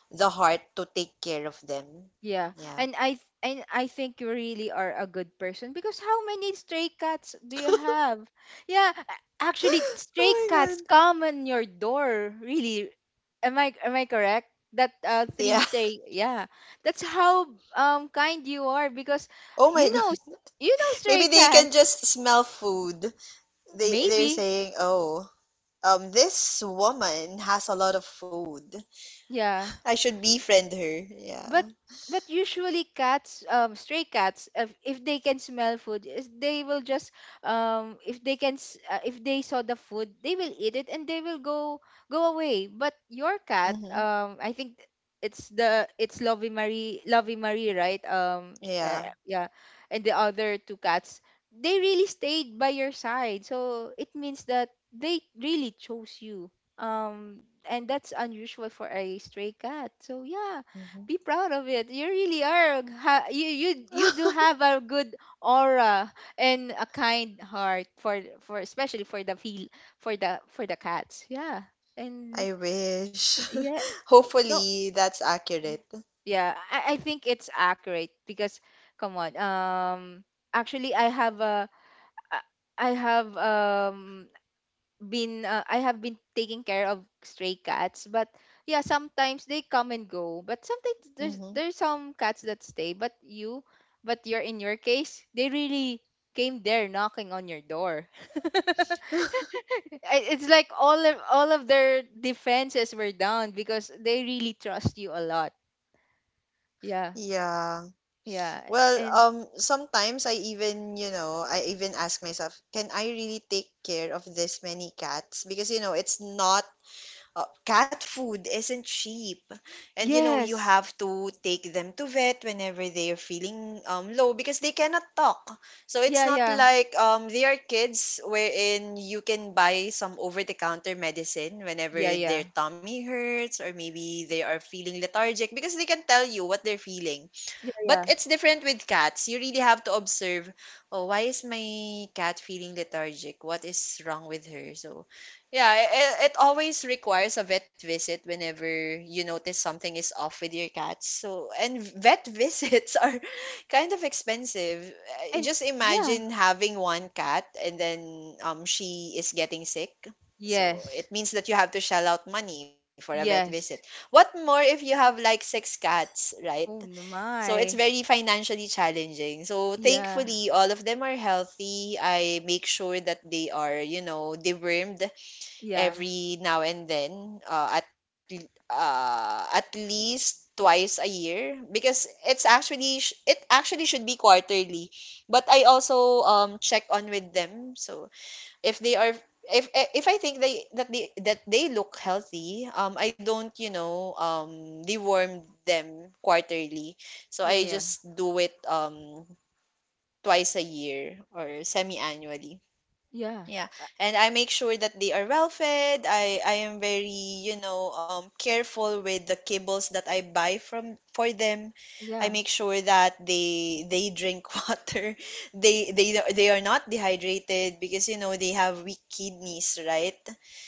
[SPEAKER 2] the heart to take care of them.
[SPEAKER 1] Yeah.
[SPEAKER 2] Yeah.
[SPEAKER 1] And I th- and I think you really are a good person. Because, how many stray cats do you have? Yeah, a- actually, stray
[SPEAKER 2] Oh my
[SPEAKER 1] cats
[SPEAKER 2] God.
[SPEAKER 1] come on your door. Really. Am I am I correct? That, uh,
[SPEAKER 2] Yeah.
[SPEAKER 1] three stray. Yeah. That's how, um kind you are, because
[SPEAKER 2] Oh my
[SPEAKER 1] you know,
[SPEAKER 2] God.
[SPEAKER 1] s- you know stray
[SPEAKER 2] Maybe they
[SPEAKER 1] cat.
[SPEAKER 2] can just smell food. They they're
[SPEAKER 1] Maybe.
[SPEAKER 2] saying, "Oh, um, this woman has a lot of food.
[SPEAKER 1] Yeah.
[SPEAKER 2] I should befriend her."
[SPEAKER 1] But,
[SPEAKER 2] Yeah.
[SPEAKER 1] but usually, cats, um stray cats, if, if they can smell food, is they will just, um if they can, s- uh, if they saw the food, they will eat it, and they will go go away. But your cat,
[SPEAKER 2] Mm-hmm.
[SPEAKER 1] um I think, it's the it's Lovey Marie, Lovey Marie, right? um uh,
[SPEAKER 2] Yeah.
[SPEAKER 1] yeah. And the other two cats, they really stayed by your side, so it means that they really chose you. um and that's unusual for a stray cat, so yeah,
[SPEAKER 2] Mm-hmm.
[SPEAKER 1] be proud of it. You really are. Ha- you you you do have a good aura and a kind heart for, for especially for the, feel for the for the cats. Yeah, and
[SPEAKER 2] I wish.
[SPEAKER 1] yeah, don't.
[SPEAKER 2] Hopefully, that's accurate.
[SPEAKER 1] Yeah. I, I think it's accurate, because, come on. Um, actually, I have a I I have um been uh, I have been taking care of stray cats, but yeah, sometimes they come and go. But sometimes there's
[SPEAKER 2] Mm-hmm.
[SPEAKER 1] there's some cats that stay, but you but you're, in your case, they really came there knocking on your door. I- it's like, all of all of their defenses were down because they really trust you a lot. Yeah.
[SPEAKER 2] Yeah.
[SPEAKER 1] Yeah.
[SPEAKER 2] Well,
[SPEAKER 1] And
[SPEAKER 2] um, sometimes I even, you know, I even ask myself, can I really take care of this many cats? Because, you know, it's not uh, cat food isn't cheap. And you know, you
[SPEAKER 1] yes.
[SPEAKER 2] have to take them to vet whenever they are feeling um, low because they cannot talk. So it's
[SPEAKER 1] Yeah,
[SPEAKER 2] not
[SPEAKER 1] yeah.
[SPEAKER 2] like um, they are kids wherein you can buy some over the counter medicine whenever
[SPEAKER 1] Yeah,
[SPEAKER 2] their
[SPEAKER 1] yeah.
[SPEAKER 2] tummy hurts or maybe they are feeling lethargic because they can tell you what they're feeling.
[SPEAKER 1] Yeah,
[SPEAKER 2] But
[SPEAKER 1] yeah.
[SPEAKER 2] it's different with cats. You really have to observe, oh, why is my cat feeling lethargic? What is wrong with her? So, yeah, it, it always requires a vet visit whenever you notice something is off with your cats. So, and vet visits are kind of expensive. Uh,
[SPEAKER 1] And
[SPEAKER 2] Just
[SPEAKER 1] yeah.
[SPEAKER 2] imagine having one cat and then um she is getting sick. So,
[SPEAKER 1] Yes.
[SPEAKER 2] it means that you have to shell out money for a vet visit.
[SPEAKER 1] Yes.
[SPEAKER 2] What more if you have like six cats, right?
[SPEAKER 1] Oh no,
[SPEAKER 2] So it's
[SPEAKER 1] my.
[SPEAKER 2] very financially challenging. So
[SPEAKER 1] Yeah,
[SPEAKER 2] thankfully, all of them are healthy. I make sure that they are, you know, dewormed
[SPEAKER 1] yeah,
[SPEAKER 2] every now and then, uh, at l- uh, at least twice a year because it's actually sh- it actually should be quarterly. But I also um check on with them. So if they are, if eh, if I think they that they that they look healthy, um, I don't, you know, um, deworm them quarterly. So
[SPEAKER 1] yeah,
[SPEAKER 2] I
[SPEAKER 1] yeah,
[SPEAKER 2] just do it um twice a year or semi-annually.
[SPEAKER 1] yeah,
[SPEAKER 2] Yeah,
[SPEAKER 1] uh,
[SPEAKER 2] and I make sure that they are well fed. I I am very, you know, um careful with the kibbles that I buy from for them. I
[SPEAKER 1] yeah,
[SPEAKER 2] make sure that they they drink water. They they they are not dehydrated because you know they have weak kidneys, right?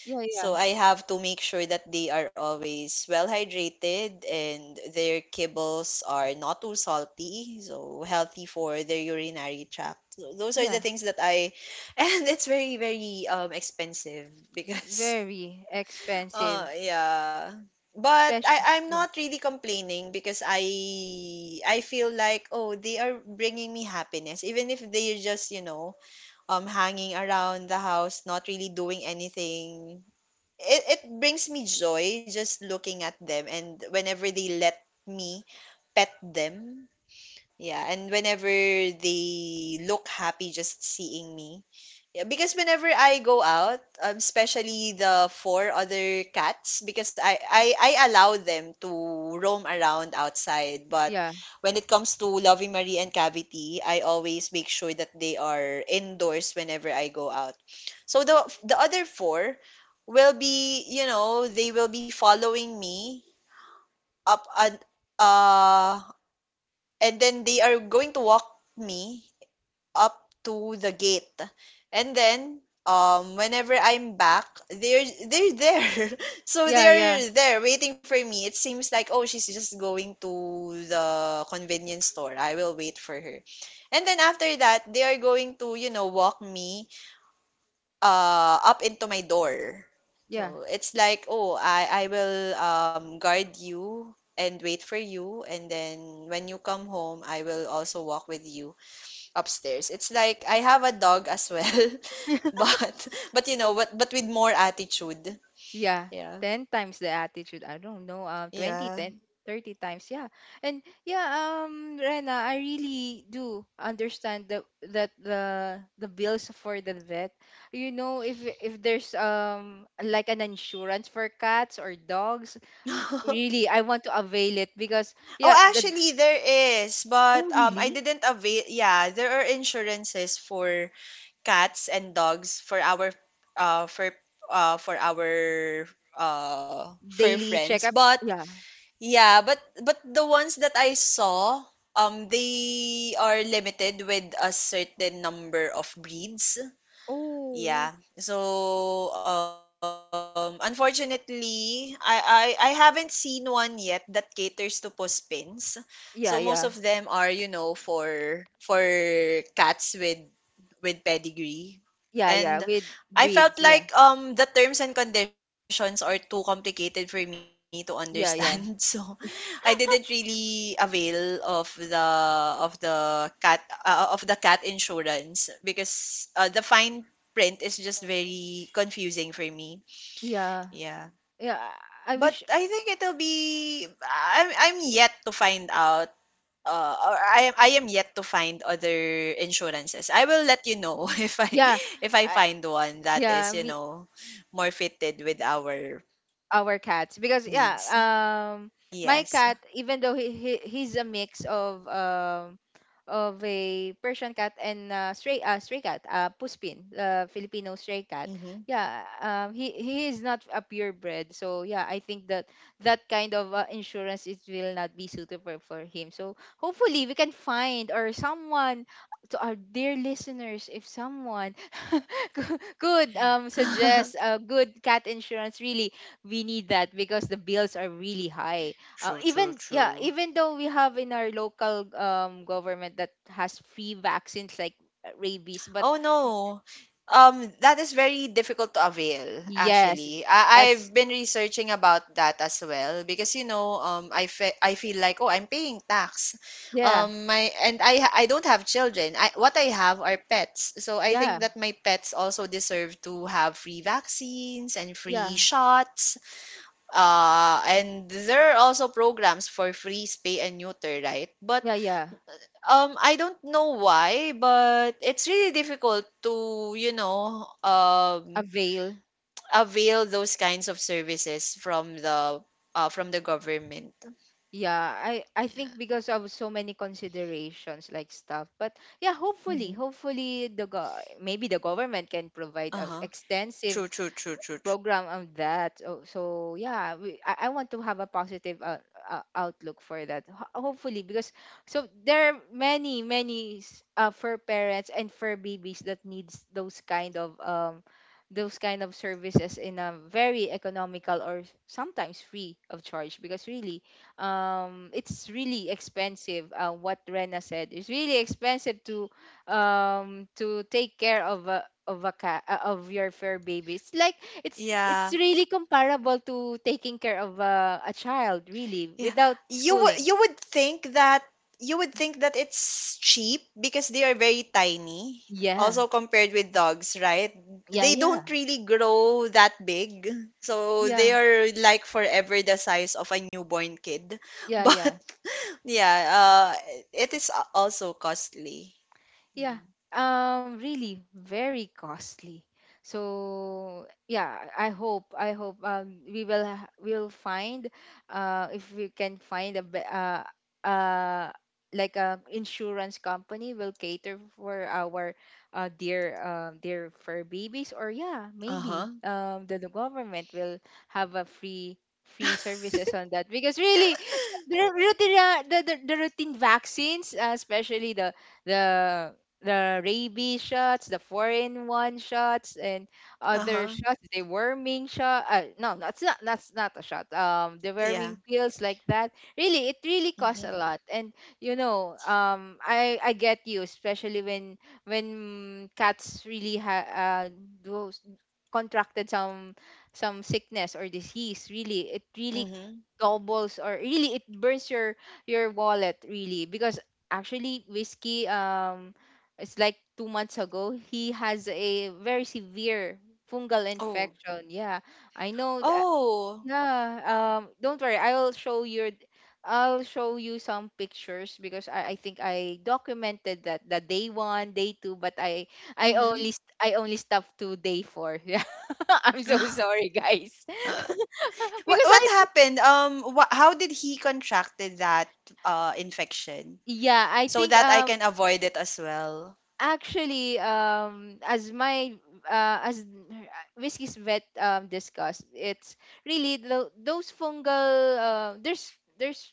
[SPEAKER 1] yeah, yeah,
[SPEAKER 2] So I have to make sure that they are always well hydrated and their kibbles are not too salty, so healthy for their urinary tract. So those are the
[SPEAKER 1] yeah.
[SPEAKER 2] things that I, and it's very, very um expensive because
[SPEAKER 1] Very
[SPEAKER 2] uh
[SPEAKER 1] expensive,
[SPEAKER 2] yeah. But
[SPEAKER 1] especially.
[SPEAKER 2] I, I'm
[SPEAKER 1] Yeah,
[SPEAKER 2] not really complaining because I I feel like, oh, they are bringing me happiness even if they're just, you know, um hanging around the house not really doing anything. It, it brings me joy just looking at them and whenever they let me pet them. Yeah. And whenever they look happy just seeing me. Yeah, because whenever I go out, um, especially the four other cats, because I, I, I allow them to roam around outside. But
[SPEAKER 1] yeah,
[SPEAKER 2] when it comes to Loving Marie and Cavity, I always make sure that they are indoors whenever I go out. So the the other four will be, you know, they will be following me up, and uh, and then they are going to walk me up to the gate. And then um whenever I'm back, they're they're there. So
[SPEAKER 1] yeah, yeah,
[SPEAKER 2] they're there waiting for me. It seems like, oh, she's just going to the convenience store. I will wait for her. And then after that, they are going to, you know, walk me uh up into my door.
[SPEAKER 1] yeah.
[SPEAKER 2] So it's like, oh, I I will um guard you and wait for you, and then when you come home, I will also walk with you upstairs. It's like I have a dog as well, but but you know, but but with more attitude.
[SPEAKER 1] Yeah,
[SPEAKER 2] Yeah.
[SPEAKER 1] ten times the attitude. I don't know, um, twenty,
[SPEAKER 2] Yeah.
[SPEAKER 1] ten, thirty times. Yeah. And yeah, um, Rena, I really do understand that, that the the bills for the vet. You know, if if there's, um like, an insurance for cats or dogs, r-
[SPEAKER 2] Oh,
[SPEAKER 1] really, I want to avail it, because, yeah, the.
[SPEAKER 2] actually there is,
[SPEAKER 1] Oh,
[SPEAKER 2] but um I
[SPEAKER 1] really?
[SPEAKER 2] didn't avail. Yeah, there are insurances for cats and dogs for our uh for uh for our uh fur
[SPEAKER 1] Daily
[SPEAKER 2] friends.
[SPEAKER 1] checkup.
[SPEAKER 2] But
[SPEAKER 1] Yeah.
[SPEAKER 2] yeah, but but the ones that I saw um they are limited with a certain number of breeds.
[SPEAKER 1] Oh.
[SPEAKER 2] Yeah. So, um, unfortunately, I, I I haven't seen one yet that caters to puspins. So most of
[SPEAKER 1] Yeah, yeah.
[SPEAKER 2] them are, you know, for for cats with with pedigree.
[SPEAKER 1] Yeah, yeah. With
[SPEAKER 2] And
[SPEAKER 1] breeds,
[SPEAKER 2] I
[SPEAKER 1] yeah.
[SPEAKER 2] felt like um the terms and conditions are too complicated for me to
[SPEAKER 1] Yeah, yeah.
[SPEAKER 2] understand. So I didn't really avail of the of the cat uh, of the cat insurance because uh, the fine print is just very confusing for me.
[SPEAKER 1] Yeah.
[SPEAKER 2] Yeah.
[SPEAKER 1] Yeah. I I
[SPEAKER 2] But
[SPEAKER 1] wish.
[SPEAKER 2] I think it'll be, I'm I'm yet to find out, uh, or I am I am yet to find other insurances. I will let you know if I,
[SPEAKER 1] Yeah.
[SPEAKER 2] if I
[SPEAKER 1] I
[SPEAKER 2] find one that
[SPEAKER 1] yeah,
[SPEAKER 2] is, you
[SPEAKER 1] me
[SPEAKER 2] know, more fitted with our
[SPEAKER 1] our cats because yeah
[SPEAKER 2] needs.
[SPEAKER 1] um my
[SPEAKER 2] Yes.
[SPEAKER 1] cat, even though he, he he's a mix of um of a Persian cat and uh, stray uh, stray cat, uh puspin, uh, Filipino stray cat.
[SPEAKER 2] Mm-hmm.
[SPEAKER 1] yeah um he he is not a purebred, so yeah, I think that that kind of uh, insurance, it will not be suitable for him. So hopefully we can find, or someone, to our dear listeners, if someone could um suggest a good cat insurance, really we need that because the bills are really high. Uh,
[SPEAKER 2] True,
[SPEAKER 1] even
[SPEAKER 2] true,
[SPEAKER 1] yeah,
[SPEAKER 2] true.
[SPEAKER 1] even though we have in our local um, government that has free vaccines like uh, rabies, but
[SPEAKER 2] Oh no. Um, that is very difficult to avail,
[SPEAKER 1] yes,
[SPEAKER 2] actually. I, I've
[SPEAKER 1] that's
[SPEAKER 2] been researching about that as well because you know, um, I fe I feel like, oh, I'm paying tax.
[SPEAKER 1] yeah,
[SPEAKER 2] Um, my and I ha- I don't have children. I, what I have are pets. So I
[SPEAKER 1] yeah,
[SPEAKER 2] think that my pets also deserve to have free vaccines and free
[SPEAKER 1] yeah,
[SPEAKER 2] shots. Uh, and there are also programs for free spay and neuter, right? But
[SPEAKER 1] yeah, yeah.
[SPEAKER 2] um, I don't know why, but it's really difficult to, you know, um,
[SPEAKER 1] Avail.
[SPEAKER 2] avail those kinds of services from the uh, from the government.
[SPEAKER 1] Yeah, I I
[SPEAKER 2] Yeah.
[SPEAKER 1] think because of so many considerations like stuff, but yeah, hopefully,
[SPEAKER 2] Hmm.
[SPEAKER 1] hopefully the go- maybe the government can provide us
[SPEAKER 2] Uh-huh.
[SPEAKER 1] extensive
[SPEAKER 2] True, true, true, true, true.
[SPEAKER 1] program on that. Oh, so yeah, we, I, I want to have a positive uh, uh, outlook for that. Ho- hopefully, because so there are many many s- uh, fur parents and fur babies that needs those kind of um those kind of services in a very economical or s- sometimes free of charge, because really um it's really expensive. Uh, what Rena said, it's really expensive to um to take care of a of a cat, uh, of your fur baby. It's like it's
[SPEAKER 2] Yeah.
[SPEAKER 1] it's really comparable to taking care of uh, a child, really,
[SPEAKER 2] Yeah.
[SPEAKER 1] without
[SPEAKER 2] You would,
[SPEAKER 1] schooling.
[SPEAKER 2] you would think that you would think that it's cheap because they are very tiny.
[SPEAKER 1] Yeah.
[SPEAKER 2] Also compared with dogs, right?
[SPEAKER 1] Yeah,
[SPEAKER 2] They
[SPEAKER 1] yeah.
[SPEAKER 2] don't really grow that big. So they
[SPEAKER 1] Yeah.
[SPEAKER 2] are like forever the size of a newborn kid.
[SPEAKER 1] Yeah,
[SPEAKER 2] But
[SPEAKER 1] yeah.
[SPEAKER 2] yeah, uh it is a- also costly.
[SPEAKER 1] Yeah, um, really very costly. So yeah, I hope I hope um we will ha- we'll find uh if we can find a be- uh uh like a insurance company will cater for our uh dear uh, dear fur babies, or yeah, maybe
[SPEAKER 2] Uh-huh.
[SPEAKER 1] um the, the government will have a free free services on that, because really the routine uh, the, the, the routine vaccines, uh, especially the the the rabies shots, the foreign one shots, and other
[SPEAKER 2] Uh-huh.
[SPEAKER 1] shots. The worming shot. Uh, no, that's not that's not a shot. Um, the worming
[SPEAKER 2] Yeah.
[SPEAKER 1] pills like that. Really, it really costs a
[SPEAKER 2] Mm-hmm.
[SPEAKER 1] lot. And you know, um, I I get you, especially when when cats really ha uh do contracted some some sickness or disease. Really it really
[SPEAKER 2] Mm-hmm.
[SPEAKER 1] gobbles, or really it burns your your wallet, really. Because actually, whiskey, um it's like two months ago, he has a very severe fungal
[SPEAKER 2] Oh.
[SPEAKER 1] infection, yeah. i know th-
[SPEAKER 2] Oh.
[SPEAKER 1] yeah, um, don't worry. I'll show you. I'll show you some pictures, because I, I think I documented that the day one, day two, but I I only
[SPEAKER 2] Mm-hmm.
[SPEAKER 1] st- I only stopped to day four. Yeah, I'm so sorry, guys.
[SPEAKER 2] What
[SPEAKER 1] because
[SPEAKER 2] what
[SPEAKER 1] I thought-
[SPEAKER 2] happened? Um, wha How did he contracted that uh infection
[SPEAKER 1] yeah, I
[SPEAKER 2] so
[SPEAKER 1] think
[SPEAKER 2] that I
[SPEAKER 1] um
[SPEAKER 2] can avoid it as well?
[SPEAKER 1] actually, um, as my uh, as Whiskey's vet um, discussed, it's really tho- those fungal, uh, there's there's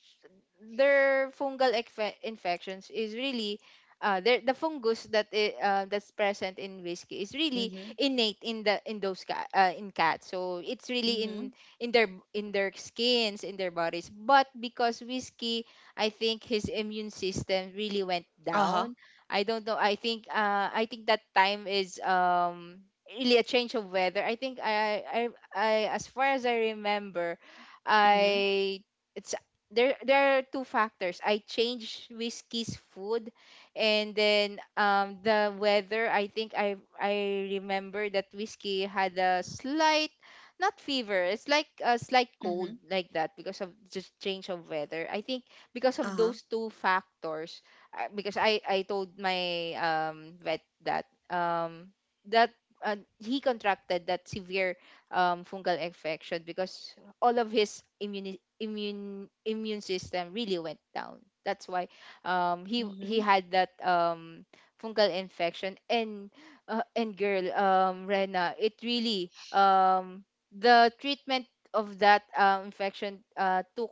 [SPEAKER 1] their fungal infe- infections is really uh, there the fungus that i- uh, that's present in whiskey is really
[SPEAKER 2] Mm-hmm.
[SPEAKER 1] innate in the in those cat, uh, in cats. So it's really in
[SPEAKER 2] Mm-hmm.
[SPEAKER 1] in their in their skins, in their bodies. But because whiskey, I think his immune system really went
[SPEAKER 2] Uh-huh.
[SPEAKER 1] down, I don't know. I think uh I think that time is um really a change of weather. I think I I, I as far as I remember,
[SPEAKER 2] Mm-hmm.
[SPEAKER 1] I it's there there are two factors. I changed Whiskey's food, and then um the weather. I think I I remember that Whiskey had a slight, not fever. It's like a slight cold
[SPEAKER 2] Mm-hmm.
[SPEAKER 1] like that, because of just change of weather. I think because of
[SPEAKER 2] Uh-huh.
[SPEAKER 1] those two factors, I- because I I told my um vet that um that uh, he contracted that severe um fungal infection because all of his immune immune immune system really went down. That's why um he he
[SPEAKER 2] Mm-hmm.
[SPEAKER 1] had that um fungal infection. And uh, and girl, um Rena, it really um the treatment of that um infection uh took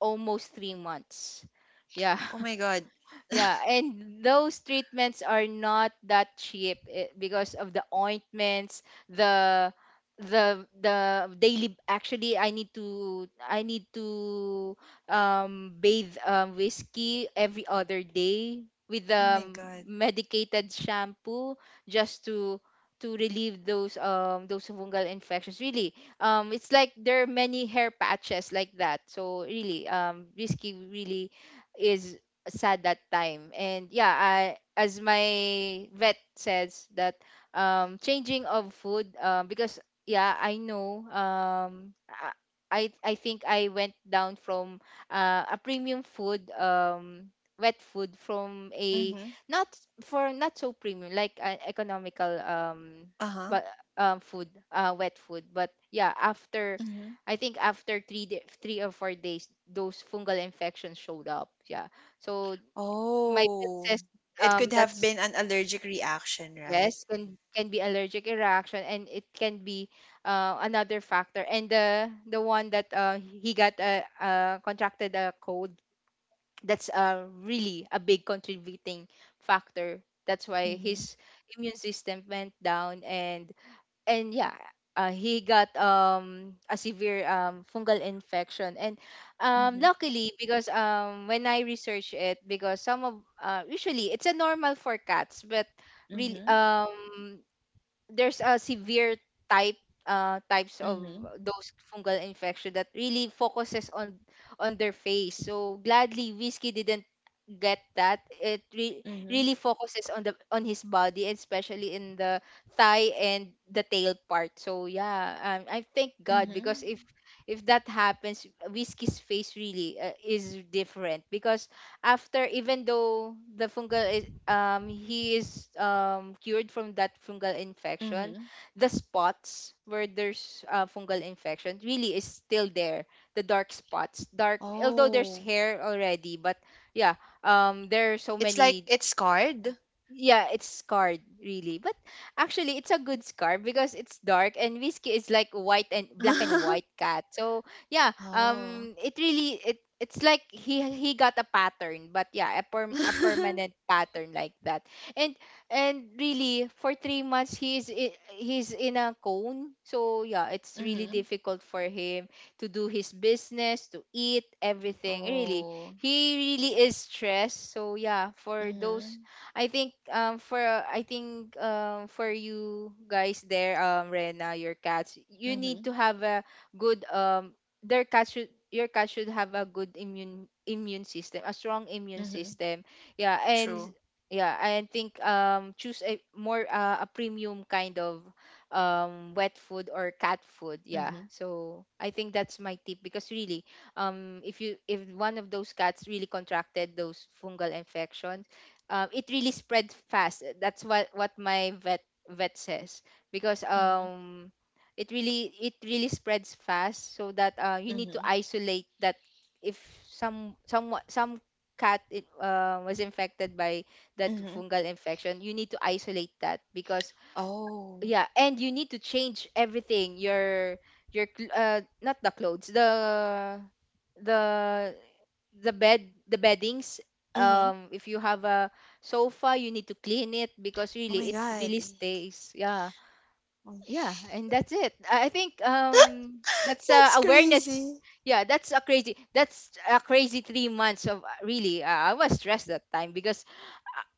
[SPEAKER 1] almost three months. Yeah.
[SPEAKER 2] Oh my God.
[SPEAKER 1] Yeah, and those treatments are not that cheap, eh, because of the ointments, the the the daily actually, I need to I need to um bathe um whiskey every other day with
[SPEAKER 2] Oh my
[SPEAKER 1] um
[SPEAKER 2] God.
[SPEAKER 1] medicated shampoo just to to relieve those um those fungal infections. Really, um it's like there are many hair patches like that, so really, um whiskey really is sad that time. And yeah, I, as my vet says that um, changing of food, uh, because yeah, I know, um, I I I think I went down from uh, a premium food, um, wet food, from a
[SPEAKER 2] Mm-hmm.
[SPEAKER 1] not, for not so premium, like an economical, um
[SPEAKER 2] Uh-huh.
[SPEAKER 1] but um food, uh wet food. But yeah, after
[SPEAKER 2] Mm-hmm.
[SPEAKER 1] I think after three day, three or four days, those fungal infections showed up, yeah. So my pet
[SPEAKER 2] Oh,
[SPEAKER 1] says
[SPEAKER 2] it
[SPEAKER 1] um
[SPEAKER 2] could have
[SPEAKER 1] that's
[SPEAKER 2] been an allergic reaction, right?
[SPEAKER 1] yes, can can be allergic reaction, and it can be uh, another factor. And the the one that uh, he got uh, uh, contracted a cold, that's uh, really a big contributing factor. That's why
[SPEAKER 2] Mm-hmm.
[SPEAKER 1] his immune system went down, and and yeah, uh, he got um a severe um fungal infection. And um
[SPEAKER 2] Mm-hmm.
[SPEAKER 1] luckily, because um when I research it, because some of uh, usually it's a normal for cats, but really,
[SPEAKER 2] Mm-hmm.
[SPEAKER 1] um there's a severe type, uh, types of
[SPEAKER 2] Mm-hmm.
[SPEAKER 1] those fungal infection that really focuses on on their face, so gladly whiskey didn't get that. It re-
[SPEAKER 2] Mm-hmm.
[SPEAKER 1] really focuses on the on his body, and especially in the thigh and the tail part. So yeah, um, I thank god,
[SPEAKER 2] Mm-hmm.
[SPEAKER 1] because if if that happens, whiskey's face really uh, is different. Because after, even though the fungal is, um he is um cured from that fungal infection,
[SPEAKER 2] Mm-hmm.
[SPEAKER 1] the spots where there's uh, fungal infection really is still there, the dark spots. Dark, although there's
[SPEAKER 2] Oh,
[SPEAKER 1] hair already, but yeah, um there are so
[SPEAKER 2] it's like
[SPEAKER 1] many,
[SPEAKER 2] it's scarred.
[SPEAKER 1] yeah, it's scarred, really. But actually it's a good scar, because it's dark, and Whiskey is like white and black and white cat. So yeah,
[SPEAKER 2] Oh.
[SPEAKER 1] um it really it it's like he he got a pattern, but yeah, a per, a permanent pattern like that. And and really for three months, he's i- he's in a cone. So yeah, it's really
[SPEAKER 2] Mhm.
[SPEAKER 1] difficult for him to do his business, to eat, everything. Really,
[SPEAKER 2] Oh.
[SPEAKER 1] he really is stressed. So yeah, for those,
[SPEAKER 2] Mhm.
[SPEAKER 1] I think um for uh, I think um for you guys there, um Rena, your cats, you need
[SPEAKER 2] Mhm.
[SPEAKER 1] to have a good um their cat should your cat should have a good immune immune system, a strong immune
[SPEAKER 2] Mhm.
[SPEAKER 1] system, yeah. And
[SPEAKER 2] True.
[SPEAKER 1] yeah, I think um choose a more uh, a premium kind of um wet food or cat food, yeah.
[SPEAKER 2] Mhm.
[SPEAKER 1] So I think that's my tip, because really, um if you, if one of those cats really contracted those fungal infections, um, it really spread fast. That's what what my vet vet says. Because
[SPEAKER 2] Mhm.
[SPEAKER 1] um it really it really spreads fast, so that uh, you need to
[SPEAKER 2] Mhm.
[SPEAKER 1] isolate that. If some some some cat it, uh, was infected by that
[SPEAKER 2] Mhm.
[SPEAKER 1] fungal infection, you need to isolate that. Because
[SPEAKER 2] Oh.
[SPEAKER 1] yeah, and you need to change everything, your your cl- uh not the clothes, the the the bed, the beddings,
[SPEAKER 2] Mhm.
[SPEAKER 1] um if you have a sofa, you need to clean it, because
[SPEAKER 2] Oh
[SPEAKER 1] really
[SPEAKER 2] my
[SPEAKER 1] it
[SPEAKER 2] God.
[SPEAKER 1] really stays, yeah.
[SPEAKER 2] Mm.
[SPEAKER 1] Yeah, and that's it. I I think um that's uh,
[SPEAKER 2] That's
[SPEAKER 1] awareness.
[SPEAKER 2] crazy.
[SPEAKER 1] Yeah, that's a crazy, that's a crazy three months of really, uh, I was stressed that time, because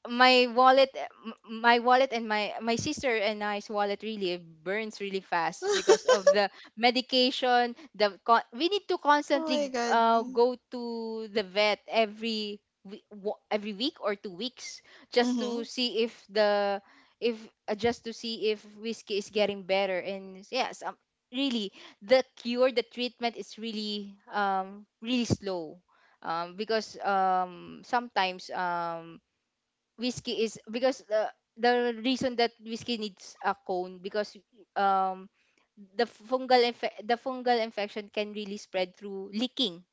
[SPEAKER 1] my wallet, uh, m- my wallet and my my sister and I's wallet really burns really fast because of the medication, the con- we need to
[SPEAKER 2] Oh my
[SPEAKER 1] constantly
[SPEAKER 2] God.
[SPEAKER 1] uh, go to the vet every we- wo- every week or two weeks, just to
[SPEAKER 2] Mhm.
[SPEAKER 1] see if the if uh, just to see if whiskey is getting better. And yes, um, really the cure, the treatment is really um really slow. um, because um, sometimes um, whiskey is because the the reason that whiskey needs a cone, because um the fungal infe- the fungal infection can really spread through licking.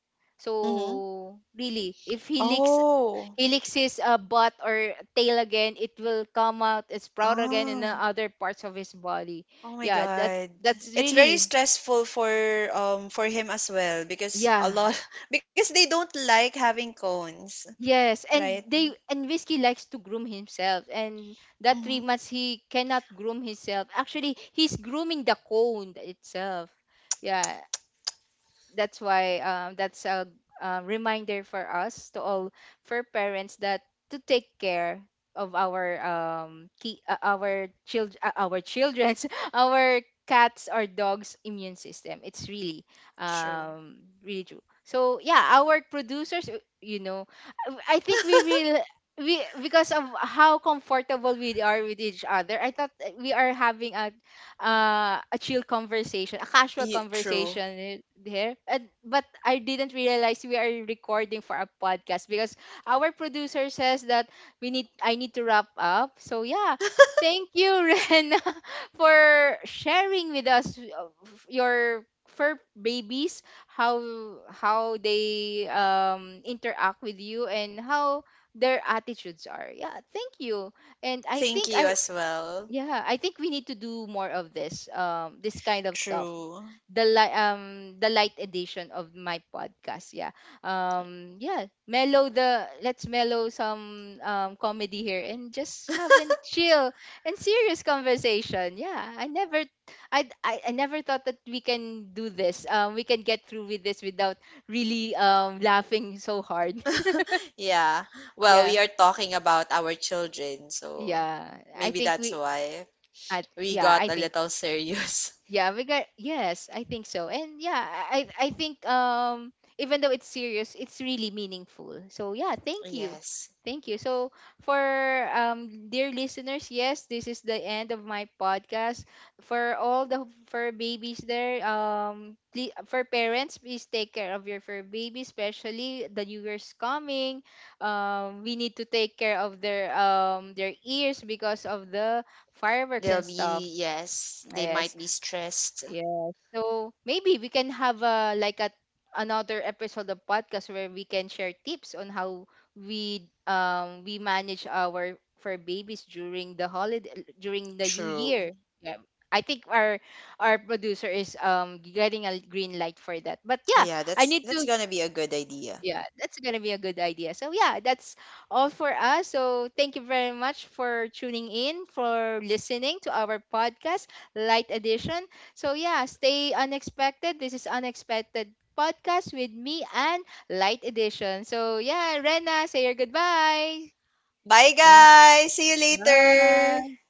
[SPEAKER 2] Mhm.
[SPEAKER 1] So really, if he licks,
[SPEAKER 2] Oh.
[SPEAKER 1] he licks his uh, butt or tail again, it will come out and sprout again in the
[SPEAKER 2] Oh.
[SPEAKER 1] other parts of his body.
[SPEAKER 2] Oh my
[SPEAKER 1] Yeah, that
[SPEAKER 2] God.
[SPEAKER 1] that's
[SPEAKER 2] It's very
[SPEAKER 1] really,
[SPEAKER 2] stressful for um for him as well because a
[SPEAKER 1] yeah.
[SPEAKER 2] lot because they don't like having cones,
[SPEAKER 1] Yes,
[SPEAKER 2] right?
[SPEAKER 1] and they, and Whiskey likes to groom himself, and that three
[SPEAKER 2] Mhm.
[SPEAKER 1] months he cannot groom himself. Actually, he's grooming the cone itself. Yeah, that's why um, that's a, uh reminder for us to all, for parents, that to take care of our um key, uh, our child, uh, our children's, our cats or dogs immune system. It's really
[SPEAKER 2] True.
[SPEAKER 1] um really true. So yeah, our producers, uh, you know, I think we will, we, because of how comfortable we are with each other, I thought uh, we are having a uh, a chill conversation, a casual
[SPEAKER 2] You, true.
[SPEAKER 1] conversation there. And, but I didn't realize we are recording for a podcast, because our producer says that we need I need to wrap up. So yeah, thank you, Rena, for sharing with us uh, f- your fur babies, how how they um interact with you, and how their attitudes are. Yeah, thank you. And I
[SPEAKER 2] Thank
[SPEAKER 1] think
[SPEAKER 2] you
[SPEAKER 1] I
[SPEAKER 2] as well.
[SPEAKER 1] yeah, I think we need to do more of this, um, this kind of stuff.
[SPEAKER 2] True.
[SPEAKER 1] The light, um, the light edition of my podcast. Yeah, um, yeah, mellow the. Let's mellow some um comedy here and just have a chill and serious conversation. Yeah, I never, I, I, I never thought that we can do this. Um, we can get through with this without really um laughing so hard.
[SPEAKER 2] Yeah. Well,
[SPEAKER 1] yeah,
[SPEAKER 2] we are talking about our children, so
[SPEAKER 1] yeah. I
[SPEAKER 2] maybe
[SPEAKER 1] think
[SPEAKER 2] that's
[SPEAKER 1] we.
[SPEAKER 2] why
[SPEAKER 1] I,
[SPEAKER 2] we
[SPEAKER 1] yeah, I
[SPEAKER 2] got a
[SPEAKER 1] think,
[SPEAKER 2] little serious.
[SPEAKER 1] yeah, we got, yes, I think so. And yeah, I I I think um even though it's serious, it's really meaningful. So yeah, thank you.
[SPEAKER 2] Yes.
[SPEAKER 1] Thank you. So for um dear listeners, yes, this is the end of my podcast. For all the fur babies there, um please, for parents, please take care of your fur baby, especially the new year's coming. Um we need to take care of their um their ears because of the fireworks
[SPEAKER 2] They'll
[SPEAKER 1] and stuff.
[SPEAKER 2] be, yes, they might
[SPEAKER 1] Yes.
[SPEAKER 2] be stressed.
[SPEAKER 1] Yeah. So maybe we can have a like a another episode of podcast where we can share tips on how we um we manage our for babies during the holiday, during the new
[SPEAKER 2] True.
[SPEAKER 1] year. Yeah. I think our our producer is um getting a green light for that. But yeah,
[SPEAKER 2] Yeah,
[SPEAKER 1] I
[SPEAKER 2] that's
[SPEAKER 1] need
[SPEAKER 2] that's
[SPEAKER 1] to
[SPEAKER 2] gonna be a good idea.
[SPEAKER 1] yeah, that's gonna be a good idea. So yeah, that's all for us. So thank you very much for tuning in, for listening to our podcast, light edition. So yeah, stay unexpected, this is unexpected podcast with me and light edition. So yeah, Rena, say your goodbye.
[SPEAKER 2] Bye
[SPEAKER 1] Bye.
[SPEAKER 2] guys. See you later.
[SPEAKER 1] Bye.